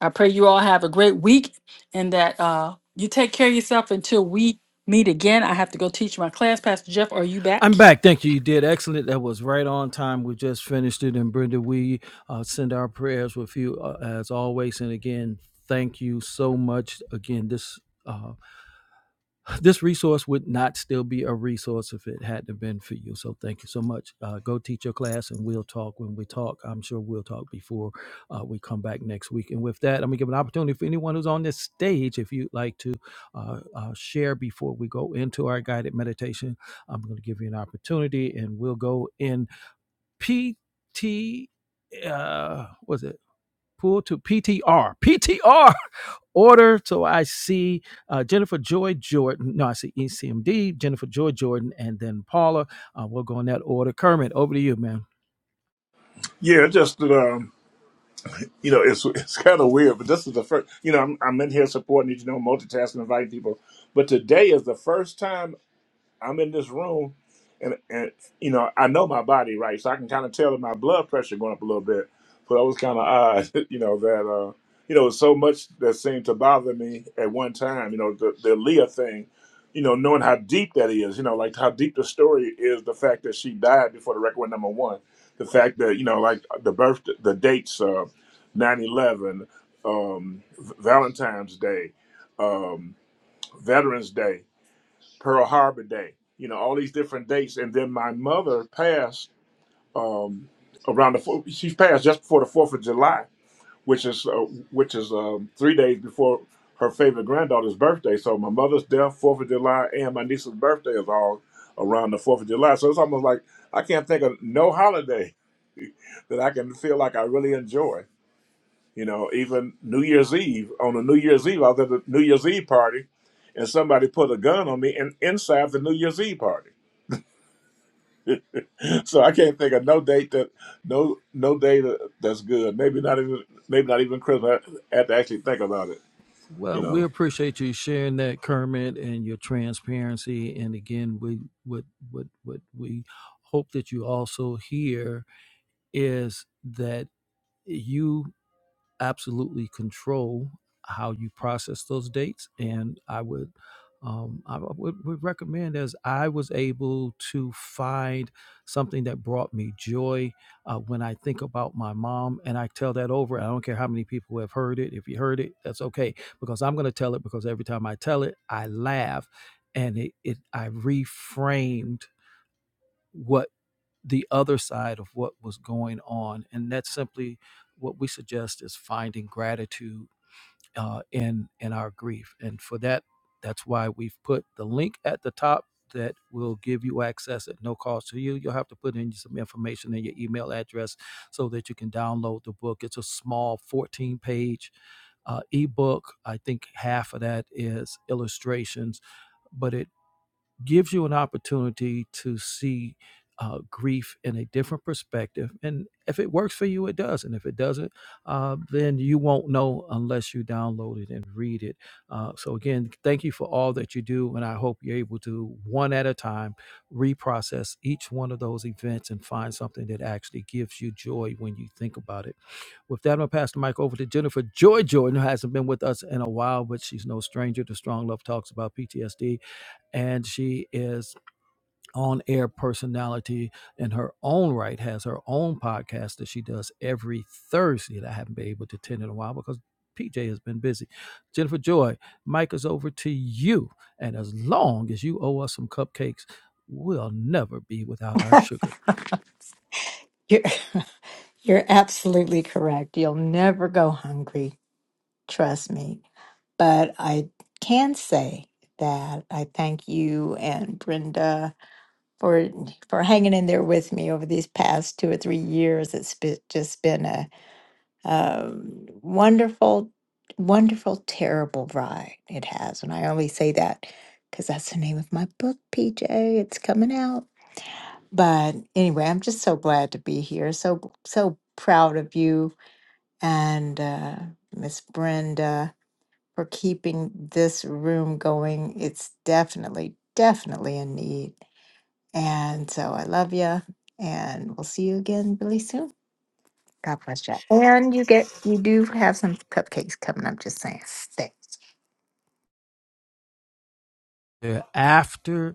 S2: I pray you all have a great week and that uh, you take care of yourself until we meet again. I have to go teach my class. Pastor Jeff, are you
S1: I'm
S2: back?
S1: back. Thank you. You did excellent. That was right on time. We just finished it. And Brenda, we uh, send our prayers with you uh, as always. And again, thank you so much. Again, this. uh, this resource would not still be a resource if it hadn't been for you. So thank you so much. Uh, go teach your class, and we'll talk when we talk. I'm sure we'll talk before uh, we come back next week. And with that, I'm gonna give an opportunity for anyone who's on this stage, if you'd like to uh, uh, share before we go into our guided meditation, I'm gonna give you an opportunity, and we'll go in PT. Uh, was it? pull to PTR. PTR order. So I see uh, Jennifer Joy Jordan. No, I see ECMD, Jennifer Joy Jordan, and then Paula. Uh, we'll go in that order. Kermit, over to you, man.
S3: Yeah, it's just that, um, you know, it's it's kind of weird, but this is the first, you know, I'm, I'm in here supporting, you you know, multitasking, inviting people. But today is the first time. I'm in this room, and and you know I know my body right, so I can kind of tell that my blood pressure going up a little bit. So that was kind of odd, you know that uh, you know so much that seemed to bother me at one time. You know the the Leah thing, you know knowing how deep that is, you know like how deep the story is, the fact that she died before the record went number one, the fact that you know like the birth the dates, uh, nine eleven, um, Valentine's Day, um, Veterans Day Pearl Harbor Day, you know, all these different dates. And then my mother passed um, around the four- she passed just before the Fourth of July, which is uh, which is um, three days before her favorite granddaughter's birthday. So my mother's death, Fourth of July, and my niece's birthday is all around the Fourth of July. So it's almost like I can't think of no holiday that I can feel like I really enjoy. You know, even New Year's Eve, on a New Year's Eve, I was at a New Year's Eve party and somebody put a gun on me in, inside the New Year's Eve party. So I can't think of no date that no no day that, that's good. Maybe not even maybe not even Christmas. I have to actually think about it, you
S1: Well, we
S3: know.
S1: appreciate you sharing that, Kermit, and your transparency. And again, we what what what we hope that you also hear is that you absolutely control how you process those dates. And I would, um, I would, would recommend as I was able to find something that brought me joy uh, when I think about my mom, and I tell that over. I don't care how many people have heard it. If you heard it, that's okay because I'm going to tell it because every time I tell it, I laugh, and it, it I reframed what the other side of what was going on. And that's simply what we suggest is finding gratitude uh, in in our grief. And for that, that's why we've put the link at the top that will give you access at no cost to you. You'll have to put in some information and your email address so that you can download the book. It's a small 14 page uh, ebook. I think half of that is illustrations, but it gives you an opportunity to see uh, grief in a different perspective. And if it works for you, it does. And if it doesn't, uh, then you won't know unless you download it and read it. Uh, so, again, thank you for all that you do. And I hope you're able to, one at a time, reprocess each one of those events and find something that actually gives you joy when you think about it. With that, I'm going to pass the mic over to Jennifer Joy Jordan, who hasn't been with us in a while, but she's no stranger to Strong Love Talks about PTSD and she is on air personality in her own right has her own podcast that she does every thursday that i haven't been able to attend in a while because pj has been busy jennifer joy mike is over to you and as long as you owe us some cupcakes we'll never be without our sugar
S4: You're, you're absolutely correct. You'll never go hungry, trust me. But I can say that I thank you and Brenda for for hanging in there with me over these past two or three years. It's be, just been a, um wonderful, wonderful, terrible ride. It has, and I only say that because that's the name of my book, PJ. It's coming out. But anyway, I'm just so glad to be here. So so proud of you and uh, Miss Brenda for keeping this room going. It's definitely definitely in need. And so I love you, and we'll see you again really soon. God bless you. And you get you do have some cupcakes coming up, just saying. Stay.
S1: after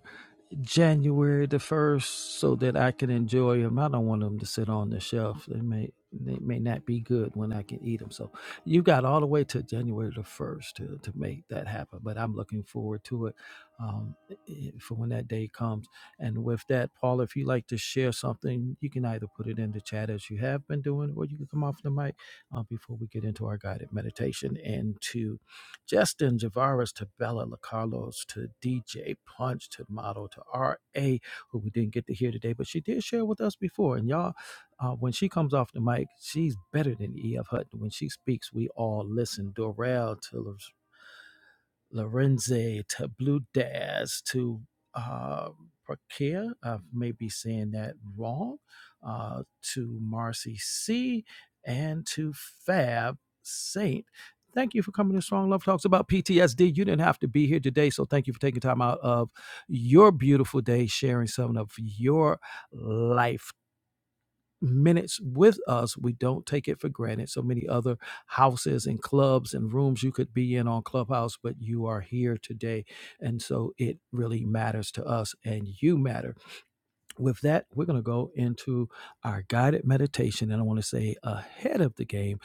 S1: January the first so that I can enjoy them. I don't want them to sit on the shelf. They may they may not be good when I can eat them. So you got all the way to January the first to to make that happen. But I'm looking forward to it um, i- for when that day comes. And with that, Paul, if you like to share something, you can either put it in the chat as you have been doing, or you can come off the mic uh, before we get into our guided meditation and to Justin Javaris to Bella LaCarlos to DJ Punch to Model to RA, who we didn't get to hear today, but she did share with us before. And y'all, uh, when she comes off the mic, she's better than E.F. Hutton. When she speaks, we all listen. Dorel Lorenze to Blue Daz to uh, Prakir, I may be saying that wrong, uh, to Marcy C, and to Fab Saint. Thank you for coming to Strong Love Talks about PTSD. You didn't have to be here today, so thank you for taking time out of your beautiful day, sharing some of your life minutes with us. We don't take it for granted. So many other houses and clubs and rooms you could be in on Clubhouse, but you are here today. And so it really matters to us, and you matter with that, we're going to go into our guided meditation. And I want to say ahead of the game,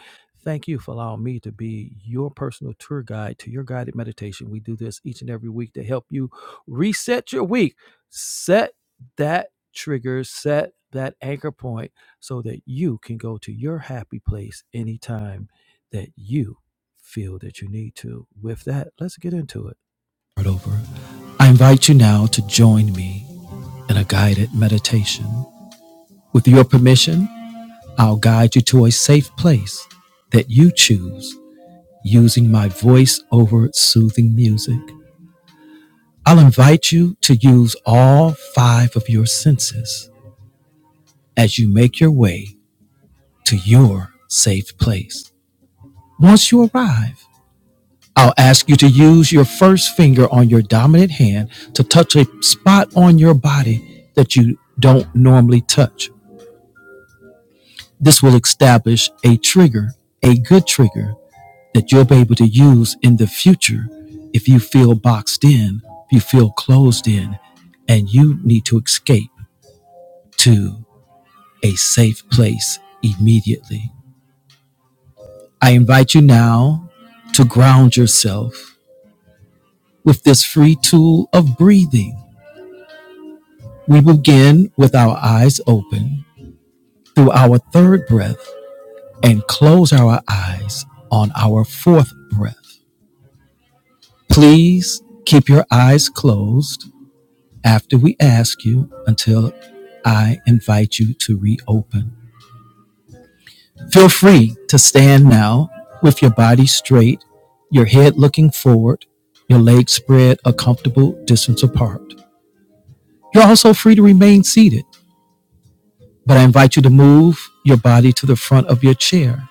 S1: thank you for allowing me to be your personal tour guide to your guided meditation. We do this each and every week to help you reset your week, set that trigger, set that anchor point so that you can go to your happy place anytime that you feel that you need to. With that, let's get into it. Right over. I invite you now to join me in a guided meditation. With your permission, I'll guide you to a safe place that you choose using my voice over soothing music. I'll invite you to use all five of your senses as you make your way to your safe place. Once you arrive, I'll ask you to use your first finger on your dominant hand to touch a spot on your body that you don't normally touch. This will establish a trigger, a good trigger that you'll be able to use in the future if you feel boxed in, if you feel closed in, and you need to escape to a safe place immediately. I invite you now to ground yourself with this free tool of breathing. We begin with our eyes open through our third breath and close our eyes on our fourth breath. Please keep your eyes closed after we ask you until I invite you to reopen. Feel free to stand now with your body straight, your head looking forward, your legs spread a comfortable distance apart. You're also free to remain seated, but I invite you to move your body to the front of your chair.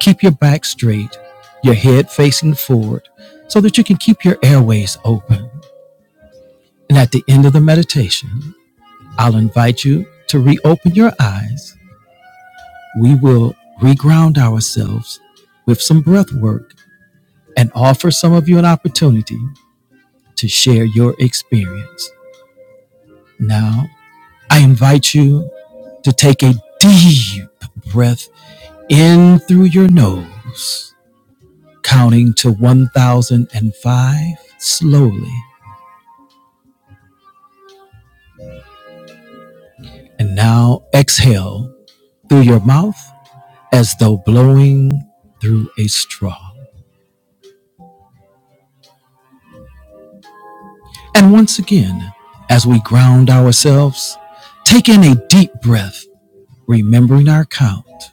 S1: Keep your back straight, your head facing forward, so that you can keep your airways open. And at the end of the meditation, I'll invite you to reopen your eyes. We will reground ourselves with some breath work and offer some of you an opportunity to share your experience. Now, I invite you to take a deep breath in through your nose, counting to 1005 slowly. And now exhale through your mouth as though blowing through a straw. And once again, as we ground ourselves, take in a deep breath, remembering our count,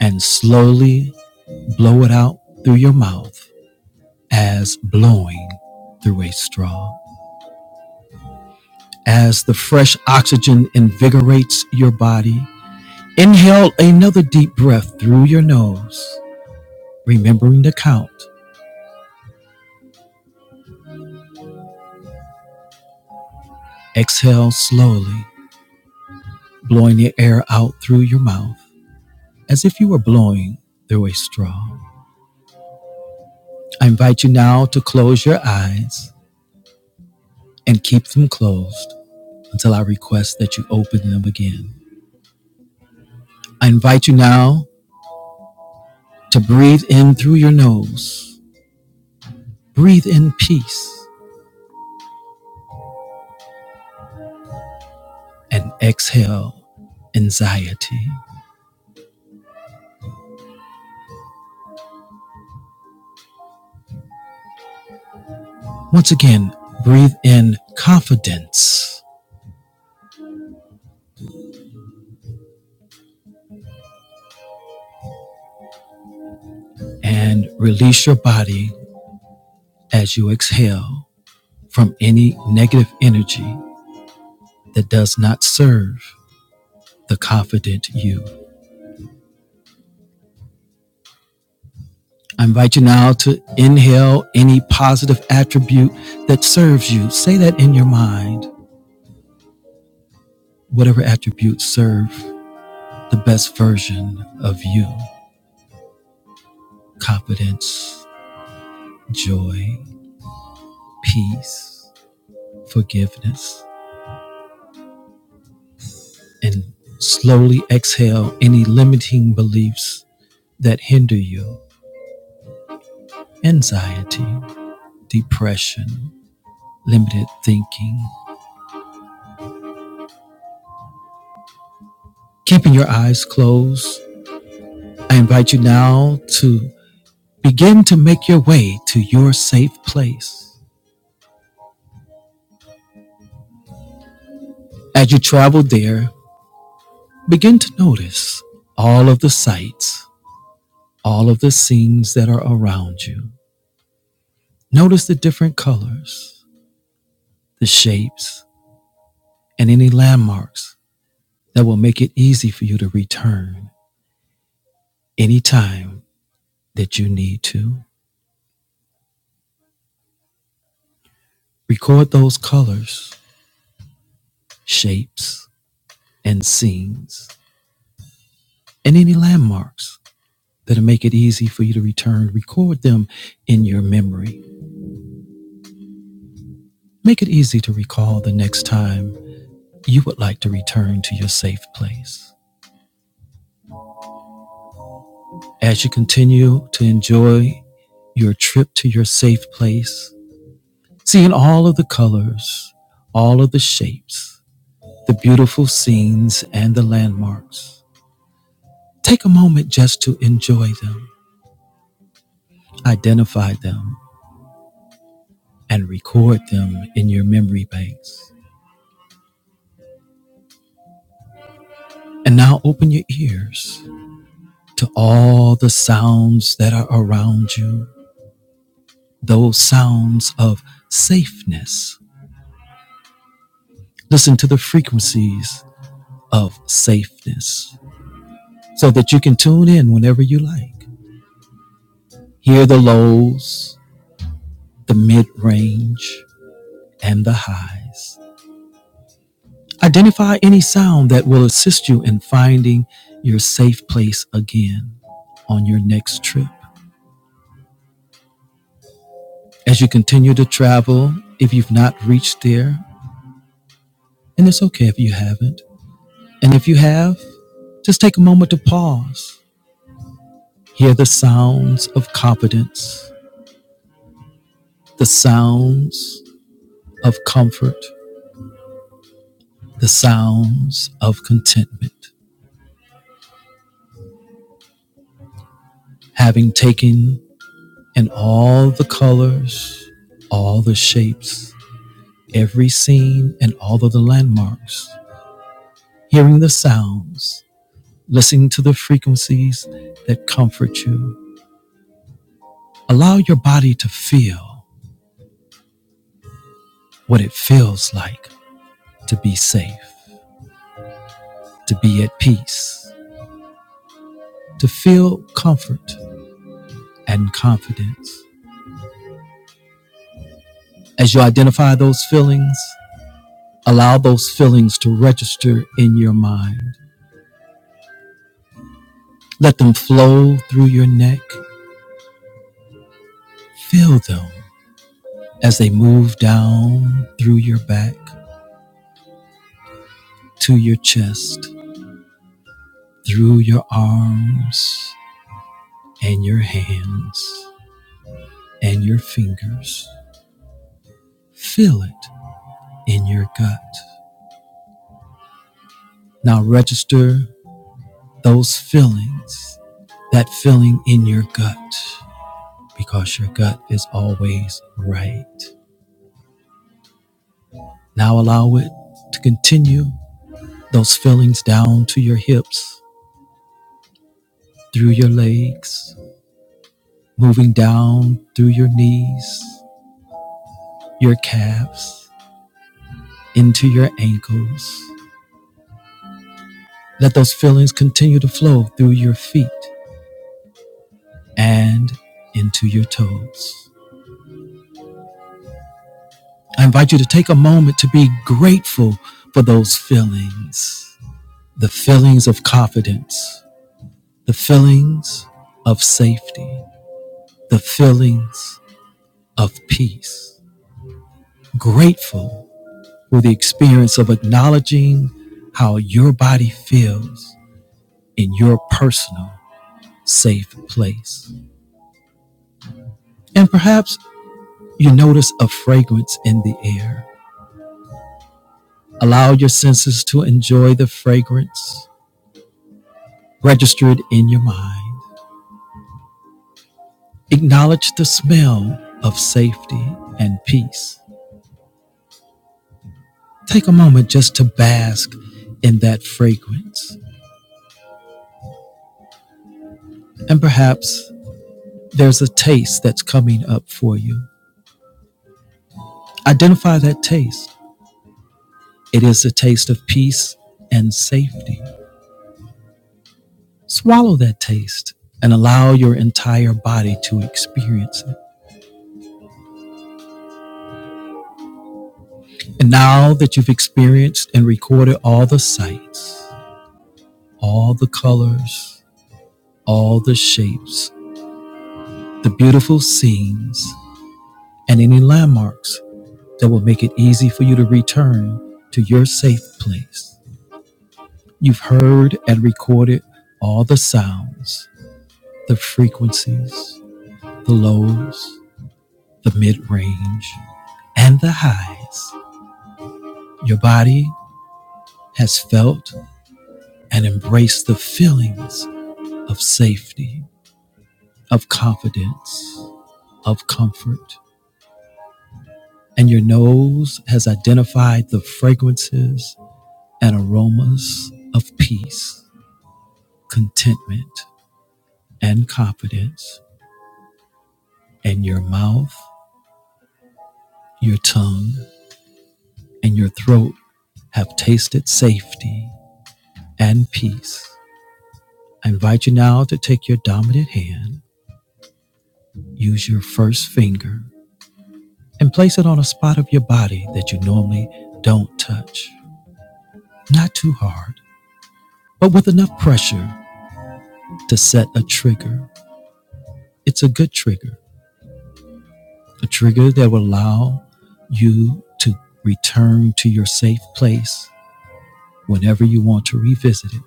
S1: and slowly blow it out through your mouth as blowing through a straw. As the fresh oxygen invigorates your body, inhale another deep breath through your nose, remembering the count. Exhale slowly, blowing the air out through your mouth as if you were blowing through a straw. I invite you now to close your eyes and keep them closed until I request that you open them again. I invite you now to breathe in through your nose, breathe in peace, and exhale anxiety. Once again, breathe in confidence and release your body as you exhale from any negative energy that does not serve the confident you. I invite you now to inhale any positive attribute that serves you. Say that in your mind. Whatever attributes serve the best version of you confidence, joy, peace, forgiveness, and slowly exhale any limiting beliefs that hinder you anxiety, depression, limited thinking. Keeping your eyes closed, I invite you now to Begin to make your way to your safe place. As you travel there, begin to notice all of the sights, all of the scenes that are around you. Notice the different colors, the shapes, and any landmarks that will make it easy for you to return anytime that you need to. Record those colors, shapes, and scenes, and any landmarks that'll make it easy for you to return. Record them in your memory Make it easy to recall the next time you would like to return to your safe place. As you continue to enjoy your trip to your safe place, seeing all of the colors, all of the shapes, the beautiful scenes, and the landmarks, take a moment just to enjoy them, identify them, and record them in your memory banks. And now open your ears to all the sounds that are around you those sounds of safeness. Listen to the frequencies of safeness so that you can tune in whenever you like. Hear the lows, the mid range, and the highs. Identify any sound that will assist you in finding your safe place again on your next trip. As you continue to travel, if you've not reached there, and it's okay if you haven't, and if you have, just take a moment to pause Hear the sounds of competence, the sounds of comfort, the sounds of contentment. Having taken in all the colors, all the shapes, every scene, and all of the landmarks, hearing the sounds, listening to the frequencies that comfort you. Allow your body to feel what it feels like to be safe, to be at peace, to feel comfort and confidence. As you identify those feelings, allow those feelings to register in your mind. Let them flow through your neck. Feel them as they move down through your back to your chest, through your arms and your hands and your fingers. Feel it in your gut. Now register those feelings, that feeling in your gut. because your gut is always right. Now allow it to continue those feelings down to your hips, through your legs, moving down through your knees, your calves, into your ankles. Let those feelings continue to flow through your feet and into your toes. I invite you to take a moment to be grateful for those feelings the feelings of confidence, the feelings of safety, the feelings of peace. Grateful for the experience of acknowledging how your body feels in your personal safe place. And perhaps you notice a fragrance in the air. Allow your senses to enjoy the fragrance registered in your mind. Acknowledge the smell of safety and peace Take a moment just to bask in that fragrance. And perhaps there's a taste that's coming up for you. Identify that taste. It is a taste of peace and safety. Swallow that taste and allow your entire body to experience it. And now that you've experienced and recorded all the sights, all the colors, all the shapes, the beautiful scenes, and any landmarks that will make it easy for you to return to your safe place. You've heard and recorded all the sounds, the frequencies, the lows, the mid range, and the highs. Your body has felt and embraced the feelings of safety, of confidence, of comfort. And your nose has identified the fragrances and aromas of peace, contentment, and confidence, and your mouth, your tongue, and your throat have tasted safety and peace. I invite you now to take your dominant hand, use your first finger, and place it on a spot of your body that you normally don't touch. Not too hard, but with enough pressure to set a trigger. It's a good trigger, a trigger that will allow you to return to your safe place whenever you want to revisit it.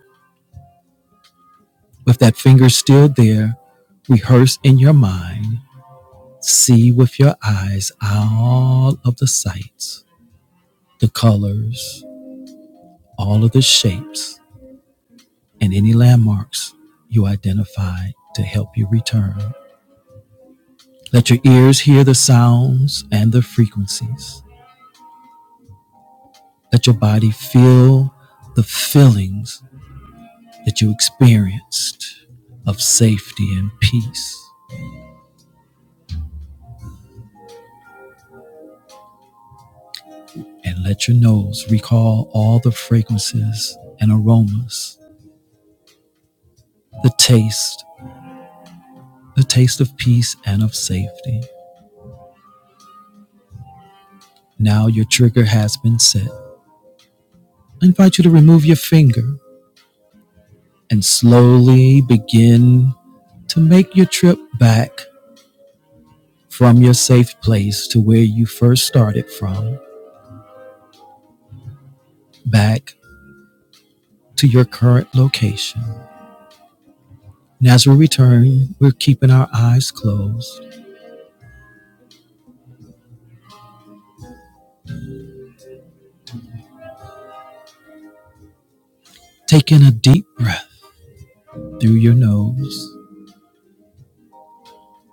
S1: With that finger still there, rehearse in your mind, see with your eyes all of the sights, the colors, all of the shapes, and any landmarks you identified to help you return. Let your ears hear the sounds and the frequencies. Let your body feel the feelings that you experienced of safety and peace. and let your nose recall all the fragrances and aromas, the taste, the taste of peace and of safety. Now your trigger has been set. I invite you to remove your finger and slowly begin to make your trip back from your safe place to where you first started from, back to your current location. And as we return, we're keeping our eyes closed, taking a deep breath through your nose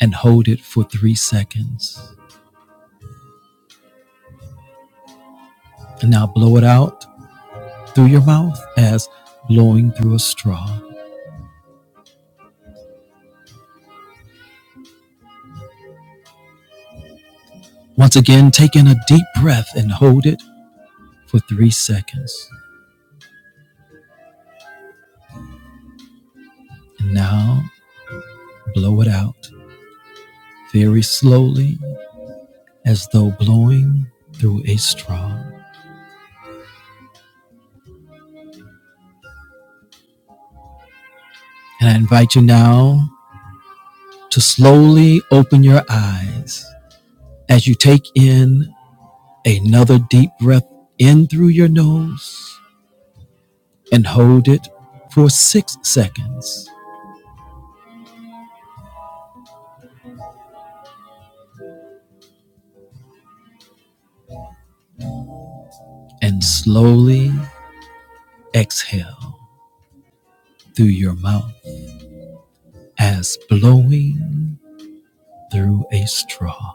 S1: and hold it for three seconds. And now blow it out through your mouth as blowing through a straw. Once again, take in a deep breath and hold it for three seconds. And now blow it out very slowly as though blowing through a straw. And I invite you now to slowly open your eyes as you take in another deep breath in through your nose and hold it for six seconds. and slowly exhale through your mouth as blowing through a straw.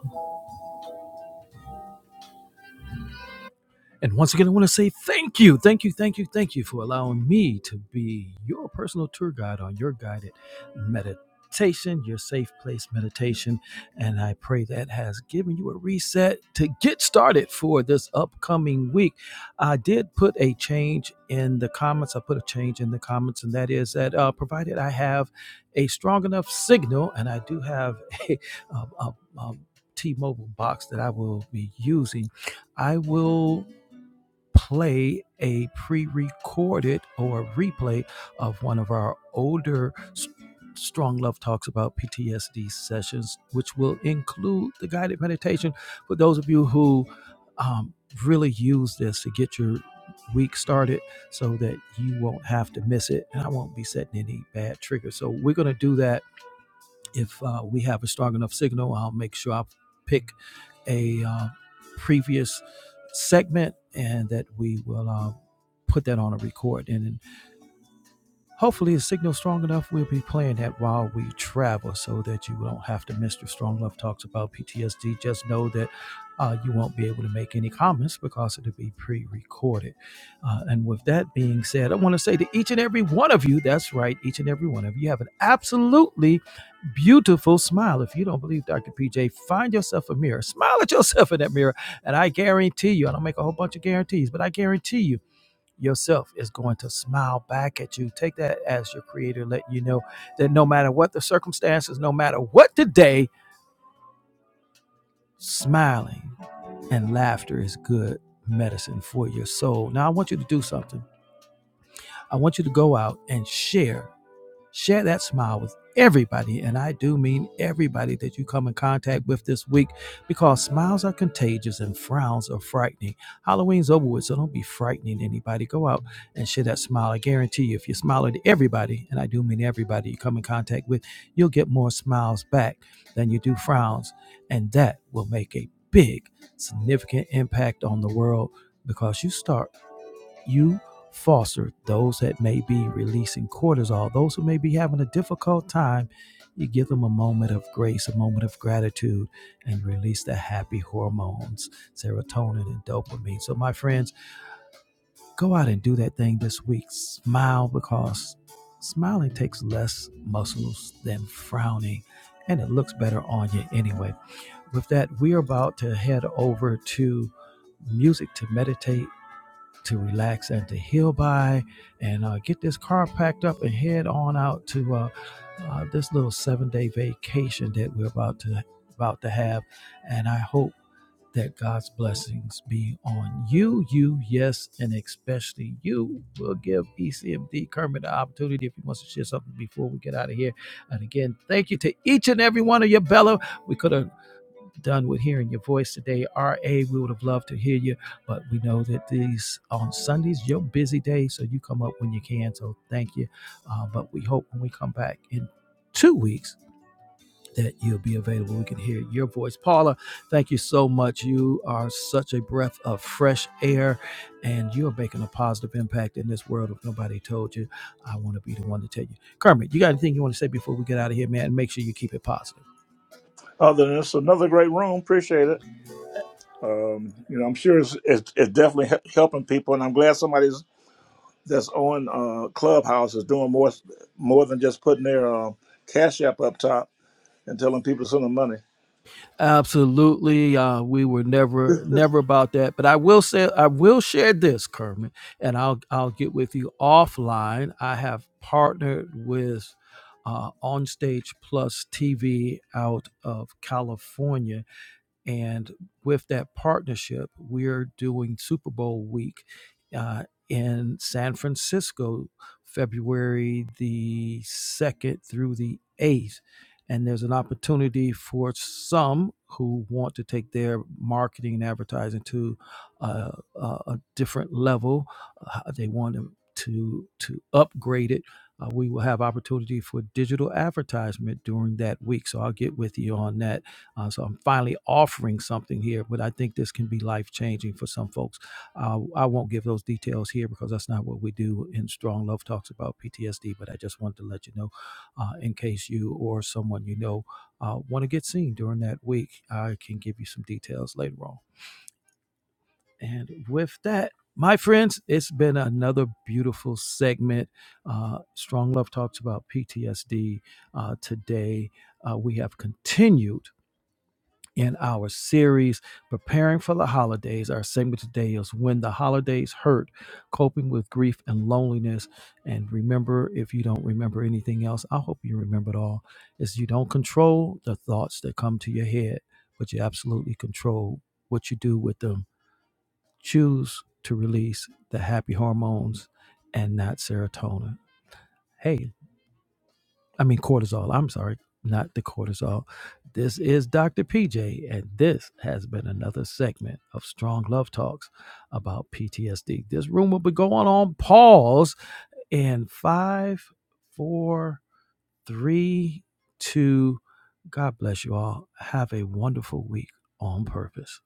S1: And once again, I want to say thank you, thank you, thank you, thank you for allowing me to be your personal tour guide on your guided meditation, your safe place meditation. And I pray that has given you a reset to get started for this upcoming week. I did put a change in the comments. I put a change in the comments, and that is that uh, provided I have a strong enough signal, and I do have a, Mobile box that I will be using, I will play a pre recorded or a replay of one of our older Strong Love Talks about PTSD sessions, which will include the guided meditation for those of you who um, really use this to get your week started so that you won't have to miss it and I won't be setting any bad triggers. So we're going to do that if uh, we have a strong enough signal, I'll make sure I pick a uh, previous segment and that we will uh, put that on a record. And Hopefully, the signal's strong enough. We'll be playing that while we travel so that you don't have to miss your Strong Love Talks about PTSD. Just know that uh, you won't be able to make any comments because it'll be pre recorded. Uh, and with that being said, I want to say to each and every one of you that's right, each and every one of you have an absolutely beautiful smile. If you don't believe Dr. PJ, find yourself a mirror, smile at yourself in that mirror, and I guarantee you, I don't make a whole bunch of guarantees, but I guarantee you yourself is going to smile back at you. Take that as your creator letting you know that no matter what the circumstances, no matter what the day, smiling and laughter is good medicine for your soul. Now, I want you to do something. I want you to go out and share Share that smile with everybody, and I do mean everybody that you come in contact with this week because smiles are contagious and frowns are frightening. Halloween's over with, so don't be frightening anybody. Go out and share that smile. I guarantee you, if you smile at everybody, and I do mean everybody you come in contact with, you'll get more smiles back than you do frowns, and that will make a big, significant impact on the world because you start you foster those that may be releasing cortisol, those who may be having a difficult time. You give them a moment of grace, a moment of gratitude, and release the happy hormones, serotonin and dopamine. So, my friends, go out and do that thing this week. Smile because smiling takes less muscles than frowning, and it looks better on you anyway. With that, we are about to head over to music to meditate to relax and to heal by and uh, get this car packed up and head on out to uh, uh, this little seven day vacation that we're about to about to have and i hope that god's blessings be on you you yes and especially you will give ecmd kermit the opportunity if he wants to share something before we get out of here and again thank you to each and every one of your bellow we could have done with hearing your voice today. RA, we would have loved to hear you, but we know that these on Sundays, your busy day, so you come up when you can. So thank you. Uh, but we hope when we come back in two weeks, that you'll be available. We can hear your voice. Paula, thank you so much. You are such a breath of fresh air and you're making a positive impact in this world. If nobody told you, I want to be the one to tell you. Kermit, you got anything you want to say before we get out of here, man? And Make sure you keep it positive.
S3: Other than this, another great room. Appreciate it. You know, I'm sure it's, it's, it's definitely he- helping people, and I'm glad somebody's that's on uh, Clubhouse is doing more more than just putting their uh, Cash App up top and telling people to send them money.
S1: Absolutely. Uh, we were never, never about that. But I will say, I will share this, Kermit, and I'll, I'll get with you offline. I have partnered with uh, Onstage Plus TV out of California and with that partnership, we're doing Super Bowl week uh, in San Francisco, February the 2nd through the 8th. And there's an opportunity for some who want to take their marketing and advertising to uh, a, a different level. Uh, they want to, to, to upgrade it. Uh, we will have opportunity for digital advertisement during that week. So I'll get with you on that uh, so I'm finally offering something here, but I think this can be life changing for some folks. Uh, I won't give those details here because that's not what we do in Strong Love Talks about PTSD, but I just wanted to let you know uh, in case you or someone you know uh, want to get seen during that week. I can give you some details later on. And with that, my friends, it's been another beautiful segment. Uh, Strong Love Talks about PTSD uh, today. Uh, we have continued in our series, Preparing for the Holidays. Our segment today is When the Holidays Hurt, Coping with Grief and Loneliness. And remember, if you don't remember anything else, I hope you remember it all, is you don't control the thoughts that come to your head, but you absolutely control what you do with them. Choose to release the happy hormones and not serotonin. Hey, I mean cortisol. I'm sorry, not the cortisol. This is Dr. PJ, and this has been another segment of Strong Love Talks about PTSD. This room will be going on pause in five, four, three, two. God bless you all. Have a wonderful week on purpose.